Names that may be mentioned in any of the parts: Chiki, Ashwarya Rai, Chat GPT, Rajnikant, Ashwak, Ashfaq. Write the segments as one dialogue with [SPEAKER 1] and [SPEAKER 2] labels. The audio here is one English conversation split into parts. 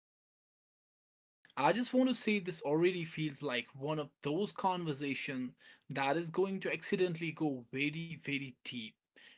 [SPEAKER 1] Before we jump in, I just want to say this already feels like one of those conversations that is going to accidentally go very, very deep.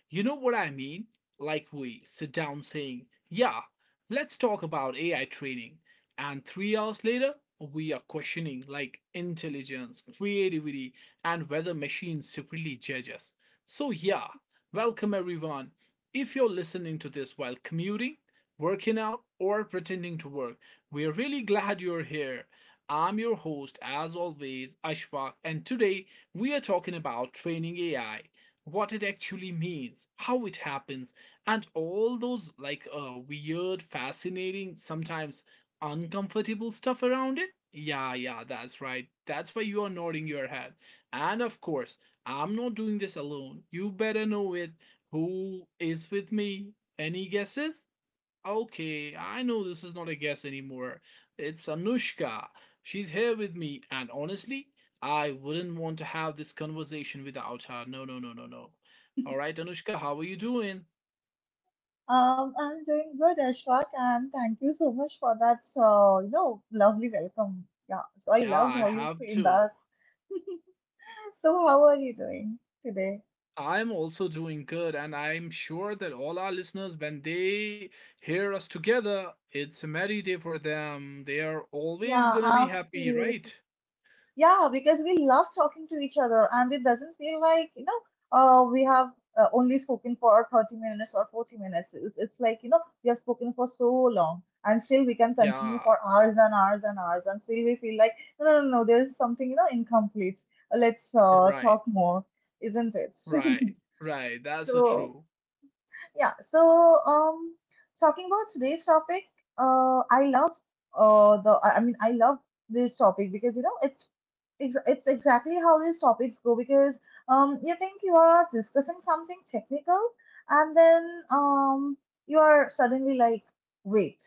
[SPEAKER 1] You know what I mean? Like we sit down saying, "Yeah, let's talk about AI training." And 3 hours later, we are questioning like intelligence, creativity, and whether machines secretly judge us. So, yeah, welcome everyone. If you're listening to this while commuting, working out, or pretending to work, we are really glad you're here. I'm your host, as always, Ashfaq, and today we are talking about training AI, what it actually means, how it happens, and all those like weird, fascinating, sometimes uncomfortable stuff around it. Yeah, yeah, that's right. That's why you are nodding your head. And of course, I'm not doing this alone. You better know it. Who is with me? Any guesses? Okay, I know this is not a guess anymore. It's Anushka. She's here with me, and honestly, I wouldn't want to have this conversation without her. No, no, no, no, no. All right, Anushka, how are you doing?
[SPEAKER 2] I'm doing good, Ashfaq, and thank you so much for that, lovely welcome. Yeah, so I
[SPEAKER 1] Yeah,
[SPEAKER 2] loved
[SPEAKER 1] I
[SPEAKER 2] how you
[SPEAKER 1] have
[SPEAKER 2] framed
[SPEAKER 1] too.
[SPEAKER 2] that. So, how are you doing today?
[SPEAKER 1] I'm also doing good, and I'm sure that all our listeners, when they hear us together, it's a merry day for them. They are always
[SPEAKER 2] Yeah,
[SPEAKER 1] gonna be happy,
[SPEAKER 2] absolutely.
[SPEAKER 1] right?
[SPEAKER 2] Yeah, because we love talking to each other and it doesn't feel like, we have only spoken for 30 minutes or 40 minutes. It's like, we have spoken for so long and still we can
[SPEAKER 1] Yeah,
[SPEAKER 2] continue for hours and hours and hours and still we feel like, no, no, no, no, there's something, incomplete. Let's
[SPEAKER 1] right,
[SPEAKER 2] talk more, isn't it?
[SPEAKER 1] right, right. That's so
[SPEAKER 2] So,
[SPEAKER 1] true.
[SPEAKER 2] yeah, so um, talking about today's topic, I love the I mean I love this topic because you know it's exactly how these topics go because you think you are discussing something technical, and then you are suddenly like, wait,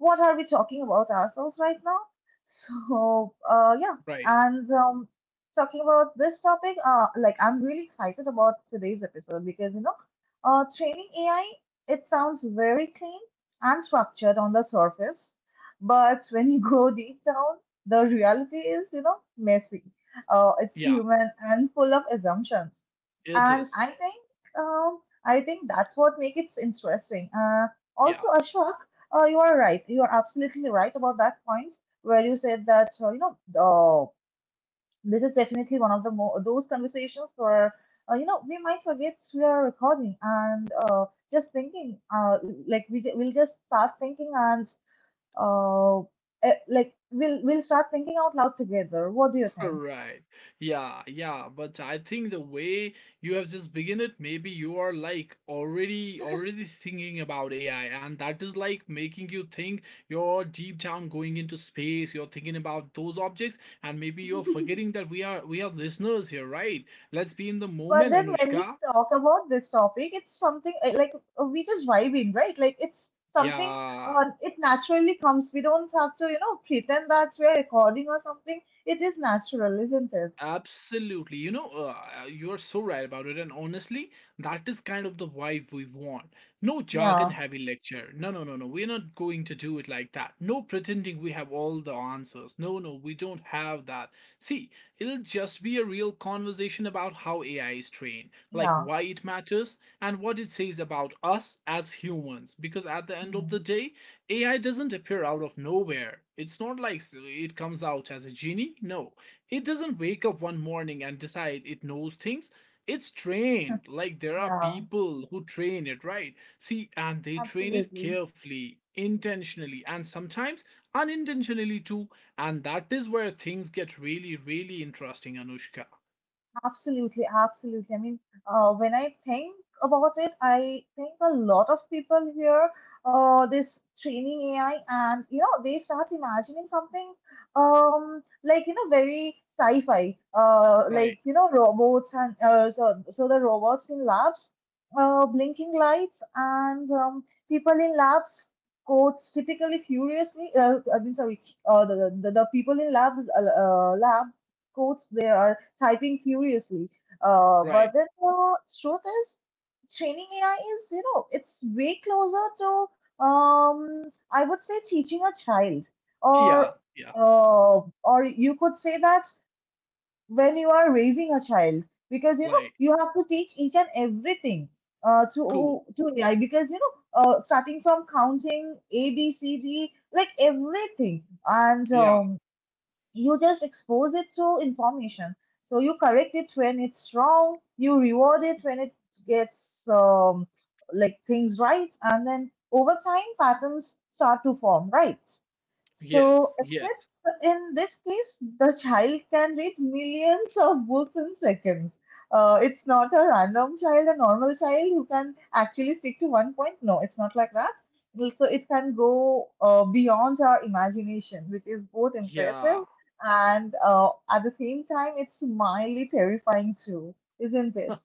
[SPEAKER 2] what are we talking about ourselves right now? So, yeah,
[SPEAKER 1] Right.
[SPEAKER 2] and talking about this topic, like I'm really excited about today's episode because you know, training AI, it sounds very clean and structured on the surface, but when you go deep down, the reality is you know messy. It's
[SPEAKER 1] Yeah.
[SPEAKER 2] human and full of assumptions,
[SPEAKER 1] It
[SPEAKER 2] and
[SPEAKER 1] is.
[SPEAKER 2] um, I think that's what makes it interesting.
[SPEAKER 1] Yeah,
[SPEAKER 2] Also, Ashwak, you are right. You are absolutely right about that point where you said that this is definitely one of those conversations where, we might forget we are recording and just thinking, like we'll just start thinking and uh, like we'll start thinking out loud together. What do you think?
[SPEAKER 1] right. Yeah, yeah. But I think the way you have just begin it, maybe you are like already thinking about AI, and that is like making you think you're deep down going into space, you're thinking about those objects, and maybe you're forgetting that we are listeners here, right? Let's be in the
[SPEAKER 2] But
[SPEAKER 1] moment,
[SPEAKER 2] then when we
[SPEAKER 1] Anushka.
[SPEAKER 2] talk about this topic, it's something like we just vibe in, right? Like it's something
[SPEAKER 1] Yeah.
[SPEAKER 2] it naturally comes. We don't have to, pretend that we're recording or something. It is natural, isn't it?
[SPEAKER 1] Absolutely. You know, you are so right about it. And honestly, that is kind of the vibe we want. No jargon
[SPEAKER 2] Yeah,
[SPEAKER 1] heavy lecture. No, no, no, no. We're not going to do it like that. No pretending we have all the answers. No, no, we don't have that. See, it'll just be a real conversation about how AI is trained, like
[SPEAKER 2] yeah.
[SPEAKER 1] why it matters and what it says about us as humans. Because at the end of
[SPEAKER 2] Hmm,
[SPEAKER 1] the day, AI doesn't appear out of nowhere. It's not like it comes out as a genie. No, it doesn't wake up one morning and decide it knows things. It's trained. Like there are
[SPEAKER 2] yeah,
[SPEAKER 1] people who train it, right? See, and they train it
[SPEAKER 2] absolutely.
[SPEAKER 1] carefully, intentionally, and sometimes unintentionally too. And that is where things get really, really interesting, Anushka.
[SPEAKER 2] Absolutely, absolutely. I mean, when I think about it, I think a lot of people hear this training AI, and you know, they start imagining something like you know, very sci-fi, like
[SPEAKER 1] Right,
[SPEAKER 2] you know, robots and the robots in labs, blinking lights, and people in labs. Codes typically furiously. I mean, sorry. Uh, the people in labs quotes, they are typing furiously. But
[SPEAKER 1] right.
[SPEAKER 2] then the truth is, training AI is, it's way closer to, I would say, teaching a child, or
[SPEAKER 1] Yeah, yeah.
[SPEAKER 2] or you could say that when you are raising a child, because you know
[SPEAKER 1] Like,
[SPEAKER 2] you have to teach each and everything
[SPEAKER 1] cool.
[SPEAKER 2] to AI, because you know. Starting from counting A, B, C, D, like everything, and
[SPEAKER 1] Yeah,
[SPEAKER 2] you just expose it through information. So you correct it when it's wrong, you reward it when it gets like things right, and then over time patterns start to form, right? So,
[SPEAKER 1] yes, yes.
[SPEAKER 2] except in this case, the child can read millions of books in seconds. It's not a random child, a normal child who can actually stick to one point. No, it's not like that. So, it can go beyond our imagination, which is both
[SPEAKER 1] Yeah,
[SPEAKER 2] impressive and at the same time, it's mildly terrifying too, isn't it?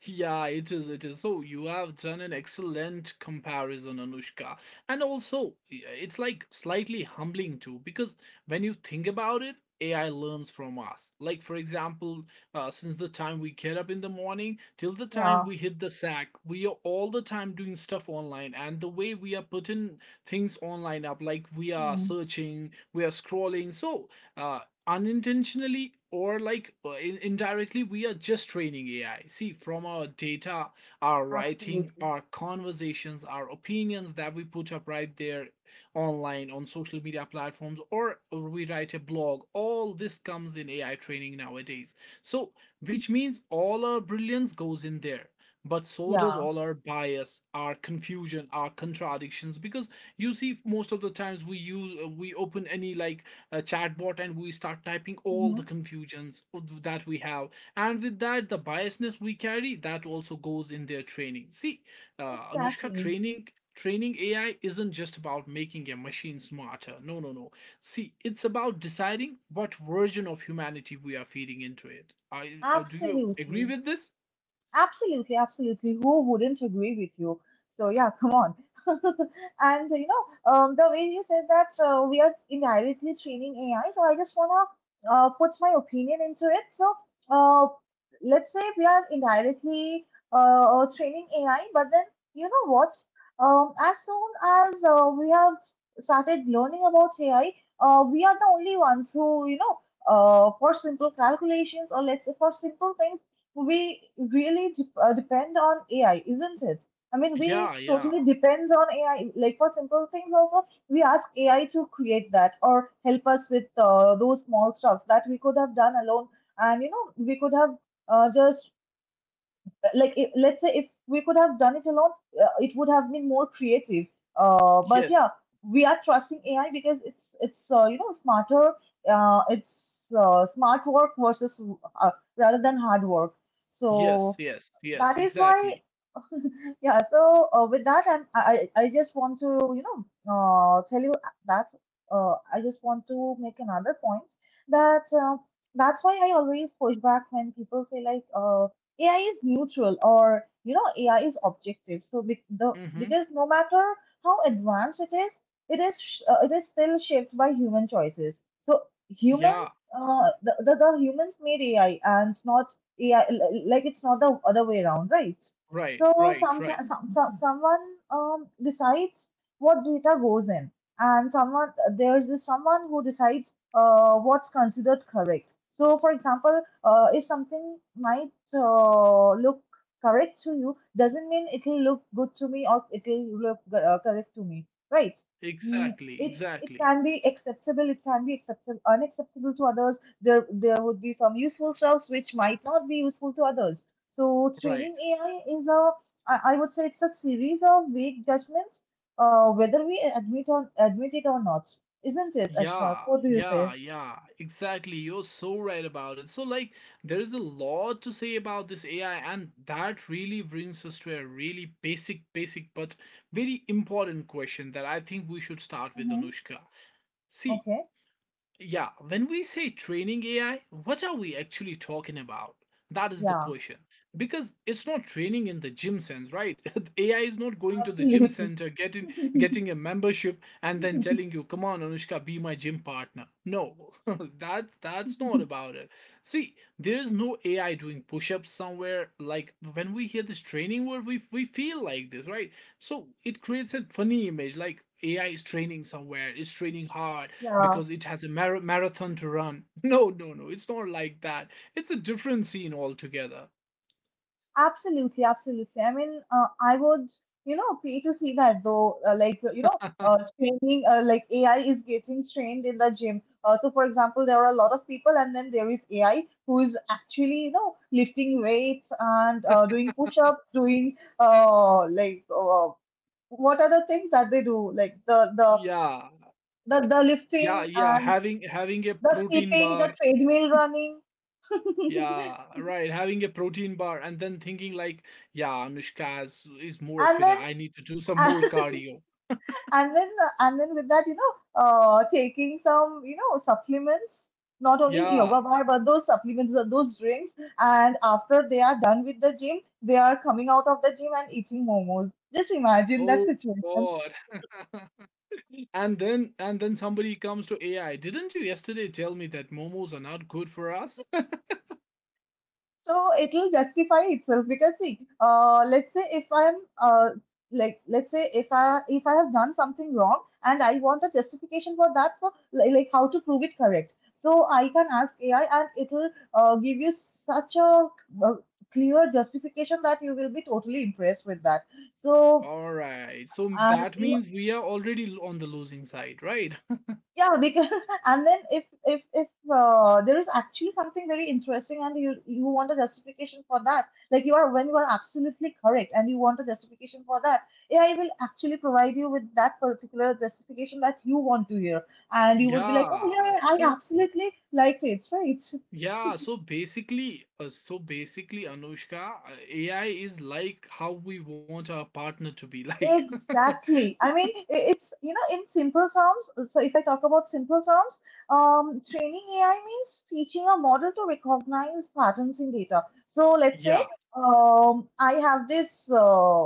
[SPEAKER 1] Yeah, it is. It is. So you have done an excellent comparison, Anushka. And also, yeah, it's like slightly humbling too, because when you think about it, AI learns from us. Like, for example, since the time we get up in the morning till the time
[SPEAKER 2] Yeah,
[SPEAKER 1] we hit the sack, we are all the time doing stuff online. And the way we are putting things online up, like we are
[SPEAKER 2] hmm,
[SPEAKER 1] searching, we are scrolling. So, uh, unintentionally or like indirectly we are just training AI. See, from our data, our writing,
[SPEAKER 2] absolutely.
[SPEAKER 1] our conversations, our opinions that we put up right there online on social media platforms, or we write a blog, all this comes in AI training nowadays. So which means all our brilliance goes in there, but so does
[SPEAKER 2] Yeah,
[SPEAKER 1] all our bias, our confusion, our contradictions. Because you see, most of the times we use we open any like a chatbot, and we start typing all
[SPEAKER 2] hmm,
[SPEAKER 1] the confusions that we have, and with that the biasness we carry, that also goes in their training. See, Anushka,
[SPEAKER 2] exactly.
[SPEAKER 1] training AI isn't just about making a machine smarter. No, no, no. See, it's about deciding what version of humanity we are feeding into it. I Do you agree
[SPEAKER 2] Absolutely.
[SPEAKER 1] with this?
[SPEAKER 2] Absolutely, absolutely. Who wouldn't agree with you? So yeah, come on. And you know, the way you said that we are indirectly training AI, so I just wanna put my opinion into it. So uh, let's say we are indirectly training AI, but then you know what? As soon as we have started learning about AI, we are the only ones who you know. For simple calculations, or let's say for simple things, we really depend on AI, isn't it? I mean, we
[SPEAKER 1] Yeah, yeah.
[SPEAKER 2] totally depend on AI. Like for simple things, also we ask AI to create that or help us with those small stuffs that we could have done alone. And you know, we could have just like if, let's say if we could have done it alone, it would have been more creative. But
[SPEAKER 1] Yes,
[SPEAKER 2] yeah, we are trusting AI because it's you know smarter. It's smart work versus uh, rather than hard work.
[SPEAKER 1] yes,
[SPEAKER 2] So
[SPEAKER 1] yes, yes,
[SPEAKER 2] that is why.
[SPEAKER 1] exactly.
[SPEAKER 2] Yeah, so with that, I'm, I just want to you know tell you that I just want to make another point that that's why I always push back when people say like AI is neutral or you know AI is objective. So be the
[SPEAKER 1] Mm-hmm.
[SPEAKER 2] because no matter how advanced it is, it is it is still shaped by human choices. So
[SPEAKER 1] Yeah,
[SPEAKER 2] human the humans made AI and not AI, like it's not the other way around, right?
[SPEAKER 1] right,
[SPEAKER 2] So
[SPEAKER 1] right, right.
[SPEAKER 2] someone decides what data goes in, and someone there's this someone who decides what's considered correct. So, for example, if something might look correct to you, doesn't mean it'll look good to me or it'll look correct to me, right? Mm,
[SPEAKER 1] Exactly,
[SPEAKER 2] it
[SPEAKER 1] exactly.
[SPEAKER 2] can be acceptable, it can be acceptable, unacceptable to others. There would be some useful stuffs which might not be useful to others. So
[SPEAKER 1] Right.
[SPEAKER 2] training AI is a, I would say it's a series of weak judgments, whether we admit or admit it or not, isn't it, Ashwak?
[SPEAKER 1] Yeah,
[SPEAKER 2] What do you say?
[SPEAKER 1] yeah, yeah, exactly. You're so right about it. So, like, there is a lot to say about this AI, and that really brings us to a really basic, basic, but very important question that I think we should start with,
[SPEAKER 2] Hmm.
[SPEAKER 1] Anushka. See,
[SPEAKER 2] Okay.
[SPEAKER 1] yeah, when we say training AI, what are we actually talking about? That is the
[SPEAKER 2] Yeah.
[SPEAKER 1] question. Because it's not training in the gym sense, right? AI is not going to the gym
[SPEAKER 2] Absolutely.
[SPEAKER 1] center, getting a membership, and then telling you, "Come on, Anushka, be my gym partner." No, that's not about it. See, there is no AI doing push-ups somewhere. Like when we hear this training word, we feel like this, right? So it creates a funny image, like AI is training somewhere, it's training hard,
[SPEAKER 2] Yeah.
[SPEAKER 1] because it has a marathon to run. No, no, no, it's not like that. It's a different scene altogether.
[SPEAKER 2] Absolutely, absolutely. I mean, I would, pay to see that though. Training, like AI is getting trained in the gym. So, for example, there are a lot of people, and then there is AI who is actually, lifting weights and doing push-ups, doing like what are the things that they do? Like
[SPEAKER 1] Yeah,
[SPEAKER 2] the
[SPEAKER 1] yeah,
[SPEAKER 2] lifting
[SPEAKER 1] yeah.
[SPEAKER 2] and
[SPEAKER 1] Having a
[SPEAKER 2] the
[SPEAKER 1] protein
[SPEAKER 2] skipping,
[SPEAKER 1] bar.
[SPEAKER 2] the treadmill running.
[SPEAKER 1] Yeah, right. Having a protein bar and then thinking like, yeah, Anushka is more
[SPEAKER 2] And
[SPEAKER 1] fit.
[SPEAKER 2] then
[SPEAKER 1] I need to do some more cardio.
[SPEAKER 2] and then with that you know taking some you know supplements, not only yoga
[SPEAKER 1] Yeah.
[SPEAKER 2] bar but those supplements, those drinks, and after they are done with the gym they are coming out of the gym and eating momos. Just imagine that
[SPEAKER 1] Oh
[SPEAKER 2] situation.
[SPEAKER 1] God. And then and then somebody comes to AI. Didn't you yesterday tell me that momos are not good for us?
[SPEAKER 2] So it'll justify itself because see let's say if I'm uh like, let's say if I have done something wrong and I want a justification for that, so like how to prove it correct, so I can ask AI and it will give you such a uh clear justification that you will be totally impressed with that. So
[SPEAKER 1] All right. So
[SPEAKER 2] and
[SPEAKER 1] that
[SPEAKER 2] you
[SPEAKER 1] means we are already on the losing side, right?
[SPEAKER 2] yeah, because and then if there is actually something very interesting and you want a justification for that, like you are when you are absolutely correct and you want a justification for that, AI will actually provide you with that particular justification that you want to hear, and you would be like,
[SPEAKER 1] Yeah.
[SPEAKER 2] oh yeah, yeah, I
[SPEAKER 1] So
[SPEAKER 2] absolutely liked it, right?
[SPEAKER 1] yeah. So basically, Anushka, AI is like how we want our partner to be like.
[SPEAKER 2] Exactly. I mean, it's, you know, in simple terms, so if I talk about simple terms, training AI means teaching a model to recognize patterns in data. So let's say
[SPEAKER 1] Yeah.
[SPEAKER 2] I have this,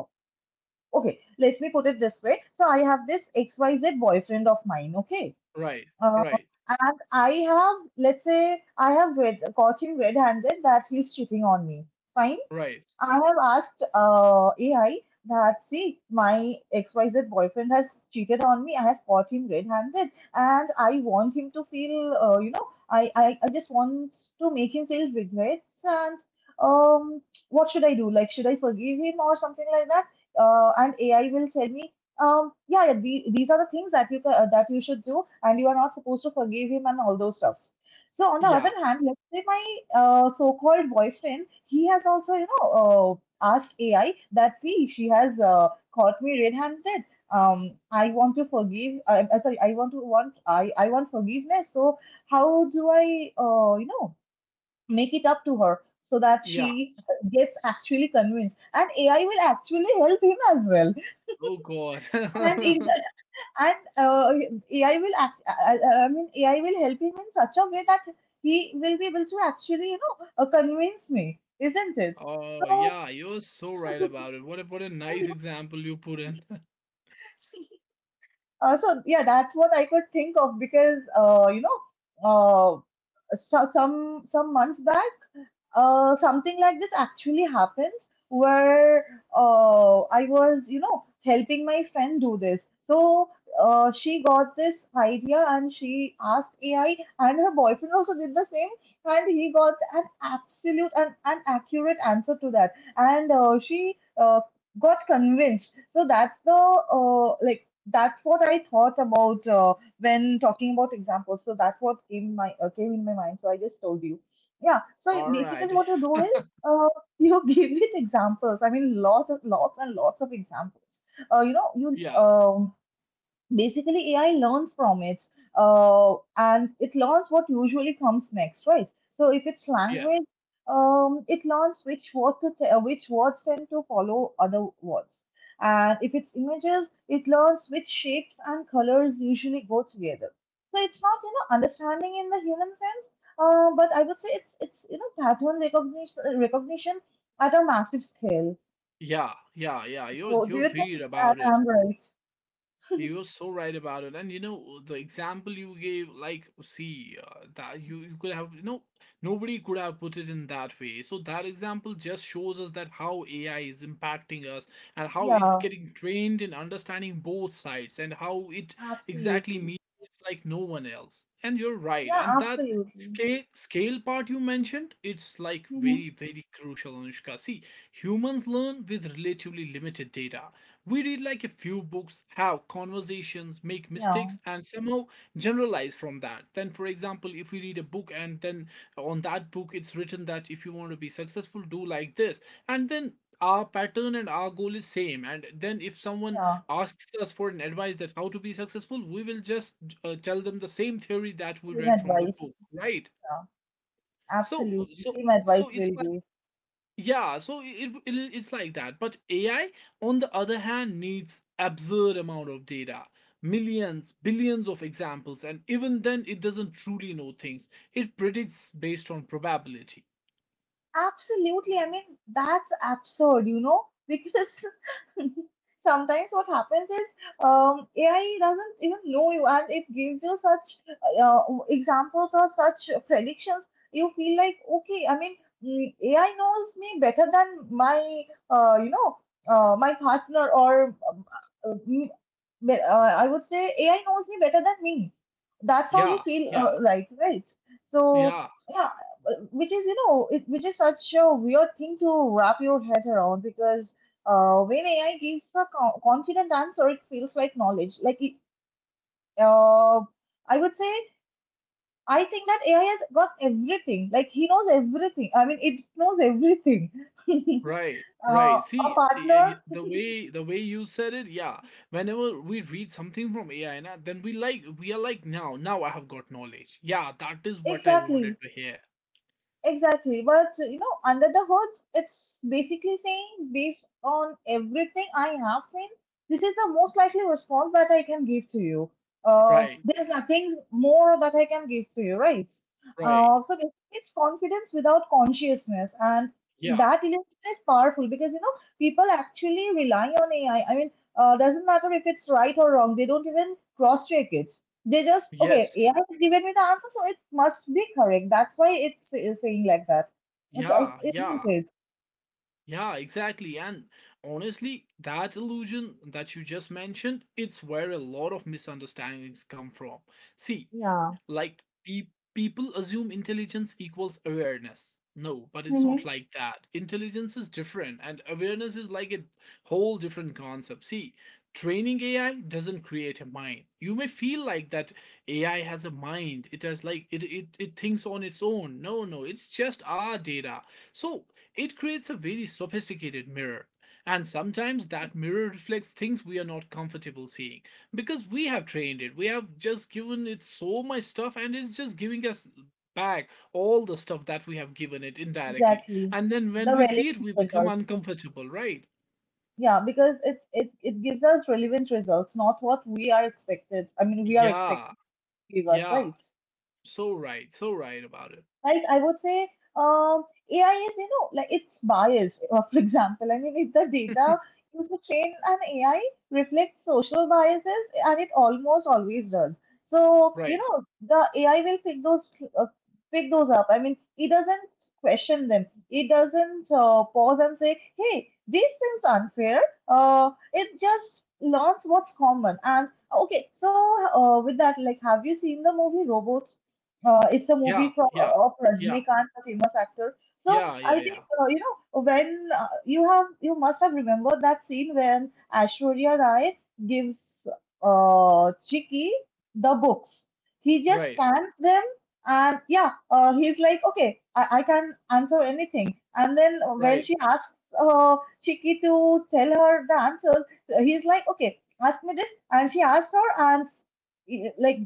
[SPEAKER 2] okay, let me put it this way. So I have this XYZ boyfriend of mine, okay?
[SPEAKER 1] Right.
[SPEAKER 2] Uh,
[SPEAKER 1] Right.
[SPEAKER 2] and I have, let's say, I have read, caught him red-handed that he's cheating on me. Fine.
[SPEAKER 1] Right.
[SPEAKER 2] I have asked AI that, see, my XYZ boyfriend has cheated on me. I have caught him red-handed, and I want him to feel, I just want to make him feel regrets. And um, what should I do? Like, should I forgive him or something like that? And AI will tell me, yeah, yeah, these are the things that you that you should do, and you are not supposed to forgive him and all those stuffs. So on the other
[SPEAKER 1] Yeah.
[SPEAKER 2] hand, let's say my so-called boyfriend, he has also, asked AI that see, she has caught me red-handed. I want to forgive. Sorry, I want forgiveness. So how do I, make it up to her so that
[SPEAKER 1] Yeah.
[SPEAKER 2] she gets actually convinced, and AI will actually help him as well.
[SPEAKER 1] Oh God.
[SPEAKER 2] And in and AI will act. I mean, AI will help him in such a way that he will be able to actually, convince me, isn't it?
[SPEAKER 1] Oh
[SPEAKER 2] So,
[SPEAKER 1] yeah. You're so right about it. What a
[SPEAKER 2] so
[SPEAKER 1] nice
[SPEAKER 2] you can
[SPEAKER 1] example you put in.
[SPEAKER 2] see. So yeah, that's what I could think of because so, some months back. Something like this actually happens where I was, helping my friend do this. So she got this idea and she asked AI, and her boyfriend also did the same, and he got an absolute and an accurate answer to that. And she got convinced. So that's the like. That's what I thought about when talking about examples. So that what came in my mind. So I just told you. Yeah, so
[SPEAKER 1] All right.
[SPEAKER 2] basically what you do is uh, you give it examples. I mean, lots and lots of examples. You know, you
[SPEAKER 1] Yeah.
[SPEAKER 2] Basically AI learns from it and it learns what usually comes next, right? So if it's
[SPEAKER 1] Yeah.
[SPEAKER 2] language, it learns which words tend to follow other words, and if it's images, it learns which shapes and colors usually go together. So it's not, you know, understanding in the human sense, but I would say it's it's pattern recognition at a massive scale.
[SPEAKER 1] Yeah, yeah, yeah. You're
[SPEAKER 2] So do
[SPEAKER 1] you're
[SPEAKER 2] you think
[SPEAKER 1] weird
[SPEAKER 2] that
[SPEAKER 1] about it.
[SPEAKER 2] I'm right?
[SPEAKER 1] You were so right about it, and you know the example you gave, like, see, that you could have, you know, nobody could have put it in that way. So that example just shows us that how AI is impacting us and how it's
[SPEAKER 2] Yeah,
[SPEAKER 1] getting trained in understanding both sides and how it exactly
[SPEAKER 2] absolutely.
[SPEAKER 1] mediates like no one else. And you're right,
[SPEAKER 2] Yeah,
[SPEAKER 1] and that
[SPEAKER 2] absolutely.
[SPEAKER 1] scale part you mentioned, it's like
[SPEAKER 2] Hmm.
[SPEAKER 1] very very crucial, Anushka. See, humans learn with relatively limited data. We read like a few books, have conversations, make mistakes,
[SPEAKER 2] Yeah,
[SPEAKER 1] and somehow generalize from that. Then, for example, if we read a book, and then on that book it's written that if you want to be successful, do like this, and then our pattern and our goal is same, and then if someone
[SPEAKER 2] yeah.
[SPEAKER 1] asks us for an advice that how to be successful, we will just tell them the same theory that we
[SPEAKER 2] Same
[SPEAKER 1] read from the
[SPEAKER 2] advice.
[SPEAKER 1] book, right?
[SPEAKER 2] Yeah,
[SPEAKER 1] so
[SPEAKER 2] absolutely.
[SPEAKER 1] so
[SPEAKER 2] Same
[SPEAKER 1] so
[SPEAKER 2] advice
[SPEAKER 1] it's
[SPEAKER 2] will do.
[SPEAKER 1] Yeah, so it's like that. But AI, on the other hand, needs absurd amount of data, millions, billions of examples, and even then, it doesn't truly know things. It predicts based on probability.
[SPEAKER 2] Absolutely. I mean, that's absurd, you know, because sometimes what happens is, AI doesn't even know you, and it gives you such uh, examples or such predictions. You feel like, okay, I mean, mm, AI knows me better than my, uh, you know, my partner, uh, me- I would say AI knows me better than me. That's how you
[SPEAKER 1] Yeah,
[SPEAKER 2] feel,
[SPEAKER 1] yeah,
[SPEAKER 2] like, right? So,
[SPEAKER 1] yeah.
[SPEAKER 2] yeah, which is, which is such a weird thing to wrap your head around because when AI gives a confident answer, it feels like knowledge. Like it, uh, I would say, I think that AI has got everything. Like he knows everything. I mean, it knows everything. uh,
[SPEAKER 1] Right, right.
[SPEAKER 2] a
[SPEAKER 1] See,
[SPEAKER 2] partner,
[SPEAKER 1] the way you said it, yeah. Whenever we read something from AI, na, then we are like now, now I have got knowledge. Yeah, that is what I
[SPEAKER 2] exactly.
[SPEAKER 1] wanted to hear.
[SPEAKER 2] Exactly. But you know, under the hood, it's basically saying, based on everything I have seen, this is the most likely response that I can give to you.
[SPEAKER 1] Right,
[SPEAKER 2] There's nothing more that I can give to you, right?
[SPEAKER 1] right.
[SPEAKER 2] So basically it's confidence without consciousness, and
[SPEAKER 1] Yeah.
[SPEAKER 2] that illusion is powerful because, you know, people actually rely on AI. Doesn't matter if it's right or wrong; they don't even cross-check it. They just, okay,
[SPEAKER 1] Yes.
[SPEAKER 2] AI has given me the answer, so it must be correct. That's why it's saying like that. So,
[SPEAKER 1] Yeah,
[SPEAKER 2] isn't
[SPEAKER 1] yeah,
[SPEAKER 2] it?
[SPEAKER 1] yeah, exactly. And honestly, that illusion that you just mentioned, it's where a lot of misunderstandings come from. See,
[SPEAKER 2] Yeah.
[SPEAKER 1] like people assume intelligence equals awareness. No, but it's not
[SPEAKER 2] Mm-hmm.
[SPEAKER 1] like that. Intelligence is different, and awareness is like a whole different concept. See, training AI doesn't create a mind. You may feel like that AI has a mind. It has like it thinks on its own. No, no, it's just our data. So it creates a very sophisticated mirror, and sometimes that mirror reflects things we are not comfortable seeing, because we have trained it. We have just given it so much stuff, and it's just giving us back all the stuff that we have given it indirectly.
[SPEAKER 2] Exactly.
[SPEAKER 1] And then when
[SPEAKER 2] The
[SPEAKER 1] we
[SPEAKER 2] relevant
[SPEAKER 1] see it, we become
[SPEAKER 2] results.
[SPEAKER 1] uncomfortable, right?
[SPEAKER 2] Yeah, because it gives us relevant results, not what we are expected. I mean, we are
[SPEAKER 1] Yeah,
[SPEAKER 2] expected to give us,
[SPEAKER 1] yeah.
[SPEAKER 2] right?
[SPEAKER 1] So right, so right about it.
[SPEAKER 2] Right? I would say, um, AI is, you know, like it's biased. For example, I mean, if the data used to train an AI reflects social biases, and it almost always does. So, you
[SPEAKER 1] Right.
[SPEAKER 2] know, the AI will pick those up. I mean, it doesn't question them. It doesn't pause and say, "Hey, this seems unfair." It just learns what's common. And okay, so, with that, like, have you seen the movie Robots? It's a
[SPEAKER 1] Yeah,
[SPEAKER 2] movie from
[SPEAKER 1] yeah,
[SPEAKER 2] of
[SPEAKER 1] yeah,
[SPEAKER 2] Rajnikant, the famous actor. So
[SPEAKER 1] yeah,
[SPEAKER 2] I
[SPEAKER 1] yeah,
[SPEAKER 2] think,
[SPEAKER 1] yeah.
[SPEAKER 2] you know when you have you must have remembered that scene when Ashwarya Rai gives Chiki the books. He just
[SPEAKER 1] Right,
[SPEAKER 2] scans them, and yeah, he's like, okay, I can answer anything. And then when
[SPEAKER 1] right.
[SPEAKER 2] she asks Chiki to tell her the answers, he's like, okay, ask me this. And she asked her, and like,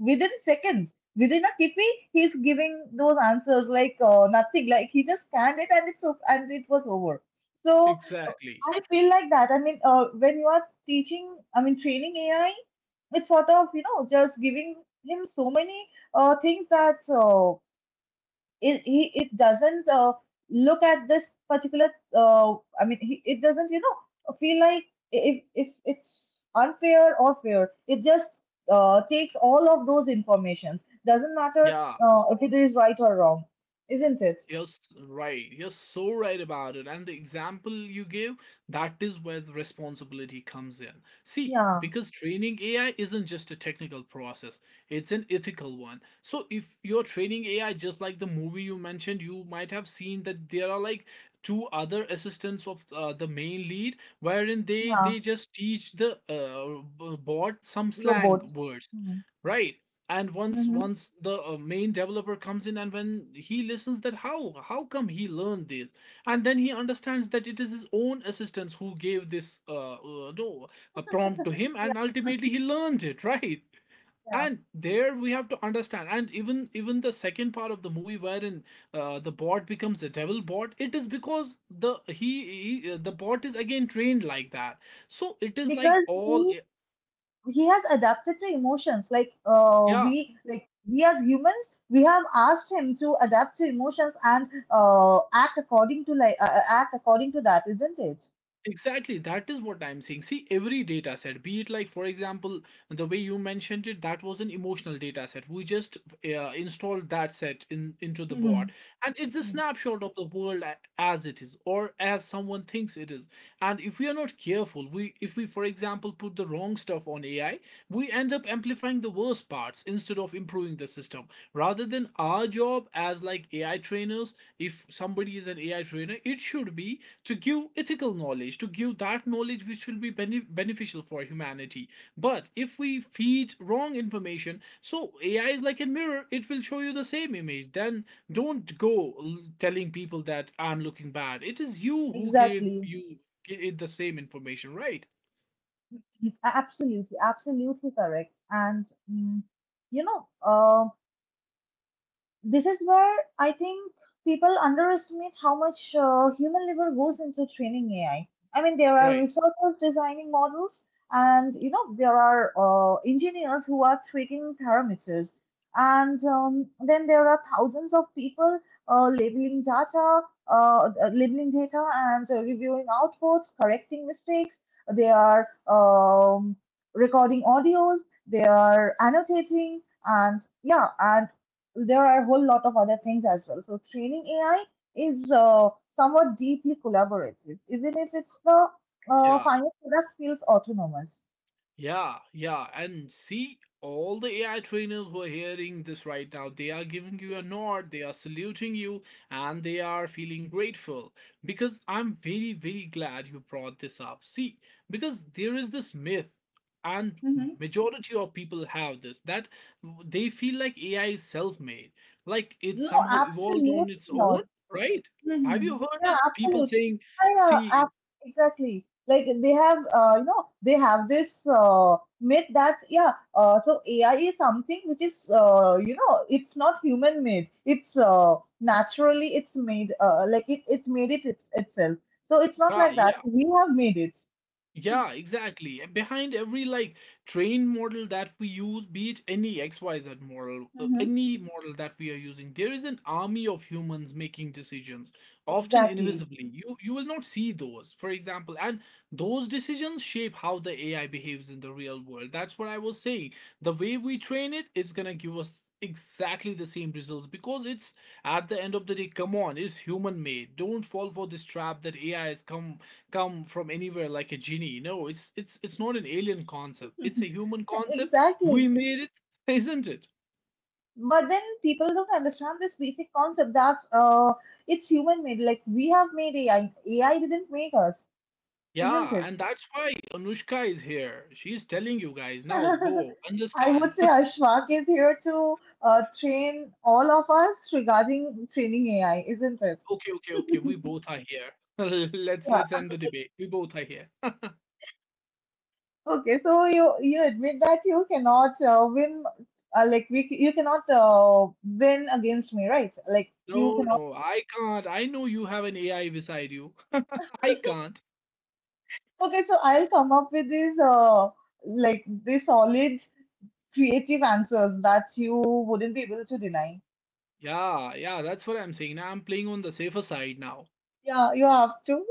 [SPEAKER 2] within seconds. Within a tiffy, he's giving those answers, like, nothing, like he just scanned it and and it was over. So, uh,
[SPEAKER 1] Exactly.
[SPEAKER 2] I feel like that. I mean, when you are teaching, I mean, training AI, it's sort of, you know, just giving him so many things that, it doesn't look at this particular uh, I mean he, it doesn't, you know, feel like if it's unfair or fair. It just takes all of those informations, doesn't matter
[SPEAKER 1] Yeah.
[SPEAKER 2] if it is right or wrong, isn't it?
[SPEAKER 1] You're s- right. You're so right about it. And the example you give, that is where the responsibility comes in. See,
[SPEAKER 2] Yeah.
[SPEAKER 1] because training AI isn't just a technical process, it's an ethical one. So if you're training AI just like the movie you mentioned, you might have seen that there are like two other assistants of the main lead wherein they
[SPEAKER 2] Yeah.
[SPEAKER 1] they just teach the bot some slang
[SPEAKER 2] Robot.
[SPEAKER 1] words
[SPEAKER 2] Hmm.
[SPEAKER 1] right. and once
[SPEAKER 2] Mm-hmm.
[SPEAKER 1] once the main developer comes in and when he listens that how come he learned this, and then he understands that it is his own assistants who gave this no, a prompt to him, and
[SPEAKER 2] Yeah.
[SPEAKER 1] ultimately he learned it right.
[SPEAKER 2] Yeah,
[SPEAKER 1] And there we have to understand, and even the second part of the movie wherein the bot becomes a devil bot. It is because the he the bot is again trained like that. So it is like
[SPEAKER 2] because
[SPEAKER 1] all.
[SPEAKER 2] we, he has adapted to emotions, like,
[SPEAKER 1] Yeah.
[SPEAKER 2] we, like, we as humans, we have asked him to adapt to emotions and act according to, like, act according to that, isn't it?
[SPEAKER 1] Exactly, that is what I'm saying. See, every data set, be it for example, the way you mentioned it, that was an emotional data set. We just installed that set in into the board,
[SPEAKER 2] Mhm.
[SPEAKER 1] and it's a
[SPEAKER 2] Mhm.
[SPEAKER 1] snapshot of the world as it is, or as someone thinks it is. And if we are not careful, we if we, for example, put the wrong stuff on AI, we end up amplifying the worst parts instead of improving the system, rather than our job as like AI trainers. If somebody is an AI trainer, it should be to give ethical knowledge, to give that knowledge which will be beneficial for humanity. But if we feed wrong information, so AI is like a mirror, it will show you the same image. Then don't go telling people that I'm looking bad. It is you who gave
[SPEAKER 2] Exactly.
[SPEAKER 1] you it the same information, right?
[SPEAKER 2] Absolutely, absolutely correct. And mm, you know, this is where I think people underestimate how much human labor goes into training AI. There are
[SPEAKER 1] Right.
[SPEAKER 2] researchers designing models, and you know, there are engineers who are tweaking parameters, and then there are thousands of people uh, labeling data, labeling data, and reviewing outputs, correcting mistakes. They are, recording audios. They are annotating, and yeah, and there are a whole lot of other things as well. So training AI is somewhat deeply collaborative, even if it's the
[SPEAKER 1] Yeah.
[SPEAKER 2] final product feels autonomous.
[SPEAKER 1] Yeah, yeah. And see, all the AI trainers who are hearing this right now, they are giving you a nod, they are saluting you, and they are feeling grateful, because I'm very, very glad you brought this up. See, because there is this myth, and
[SPEAKER 2] Mhm.
[SPEAKER 1] majority of people have this, that they feel like AI is self-made, like it
[SPEAKER 2] No,
[SPEAKER 1] somehow evolved
[SPEAKER 2] absolutely
[SPEAKER 1] on its
[SPEAKER 2] not.
[SPEAKER 1] own, right? Have you
[SPEAKER 2] Mhm.
[SPEAKER 1] heard
[SPEAKER 2] Yeah,
[SPEAKER 1] it people
[SPEAKER 2] absolutely.
[SPEAKER 1] saying?
[SPEAKER 2] I, uh,
[SPEAKER 1] See.
[SPEAKER 2] ab- exactly. Like they have, they have this myth that, yeah, so AI is something which is, it's not human made. It's naturally it's made. It made itself. So it's not
[SPEAKER 1] Ah,
[SPEAKER 2] like that.
[SPEAKER 1] yeah.
[SPEAKER 2] We have made it.
[SPEAKER 1] Yeah, exactly. And behind every like train model that we use, be it any XYZ model,
[SPEAKER 2] Hmm.
[SPEAKER 1] any model that we are using, there is an army of humans making decisions, often
[SPEAKER 2] Exactly.
[SPEAKER 1] invisibly. You will not see those, for example, and those decisions shape how the AI behaves in the real world. That's what I was saying. The way we train it, it's gonna give us exactly the same results, because it's at the end of the day, come on, it's human made. Don't fall for this trap that AI has come from anywhere like a genie. No, it's not an alien concept. It's a human concept. We
[SPEAKER 2] Exactly.
[SPEAKER 1] made it, isn't it?
[SPEAKER 2] But then people don't understand this basic concept that, it's human made. Like, we have made AI. AI didn't make us, isn't
[SPEAKER 1] Yeah, and
[SPEAKER 2] it?
[SPEAKER 1] that's why Anushka is here. She's telling you guys now, go
[SPEAKER 2] I
[SPEAKER 1] understand.
[SPEAKER 2] would say Ashfaq is here to train all of us regarding training AI, isn't it?
[SPEAKER 1] Okay, okay, okay. We both are here. let's
[SPEAKER 2] Yeah.
[SPEAKER 1] let's end the debate. We both are here.
[SPEAKER 2] Okay. So you admit that you cannot win. You cannot win against me, right? Like, you
[SPEAKER 1] No,
[SPEAKER 2] cannot.
[SPEAKER 1] no, I can't. I know you have an AI beside you. I can't.
[SPEAKER 2] Okay. So I'll come up with this. Like, this solid creative answers that you wouldn't be able to deny.
[SPEAKER 1] Yeah, yeah, that's what I'm saying. Now I'm playing on the safer side now.
[SPEAKER 2] Yeah, you have to,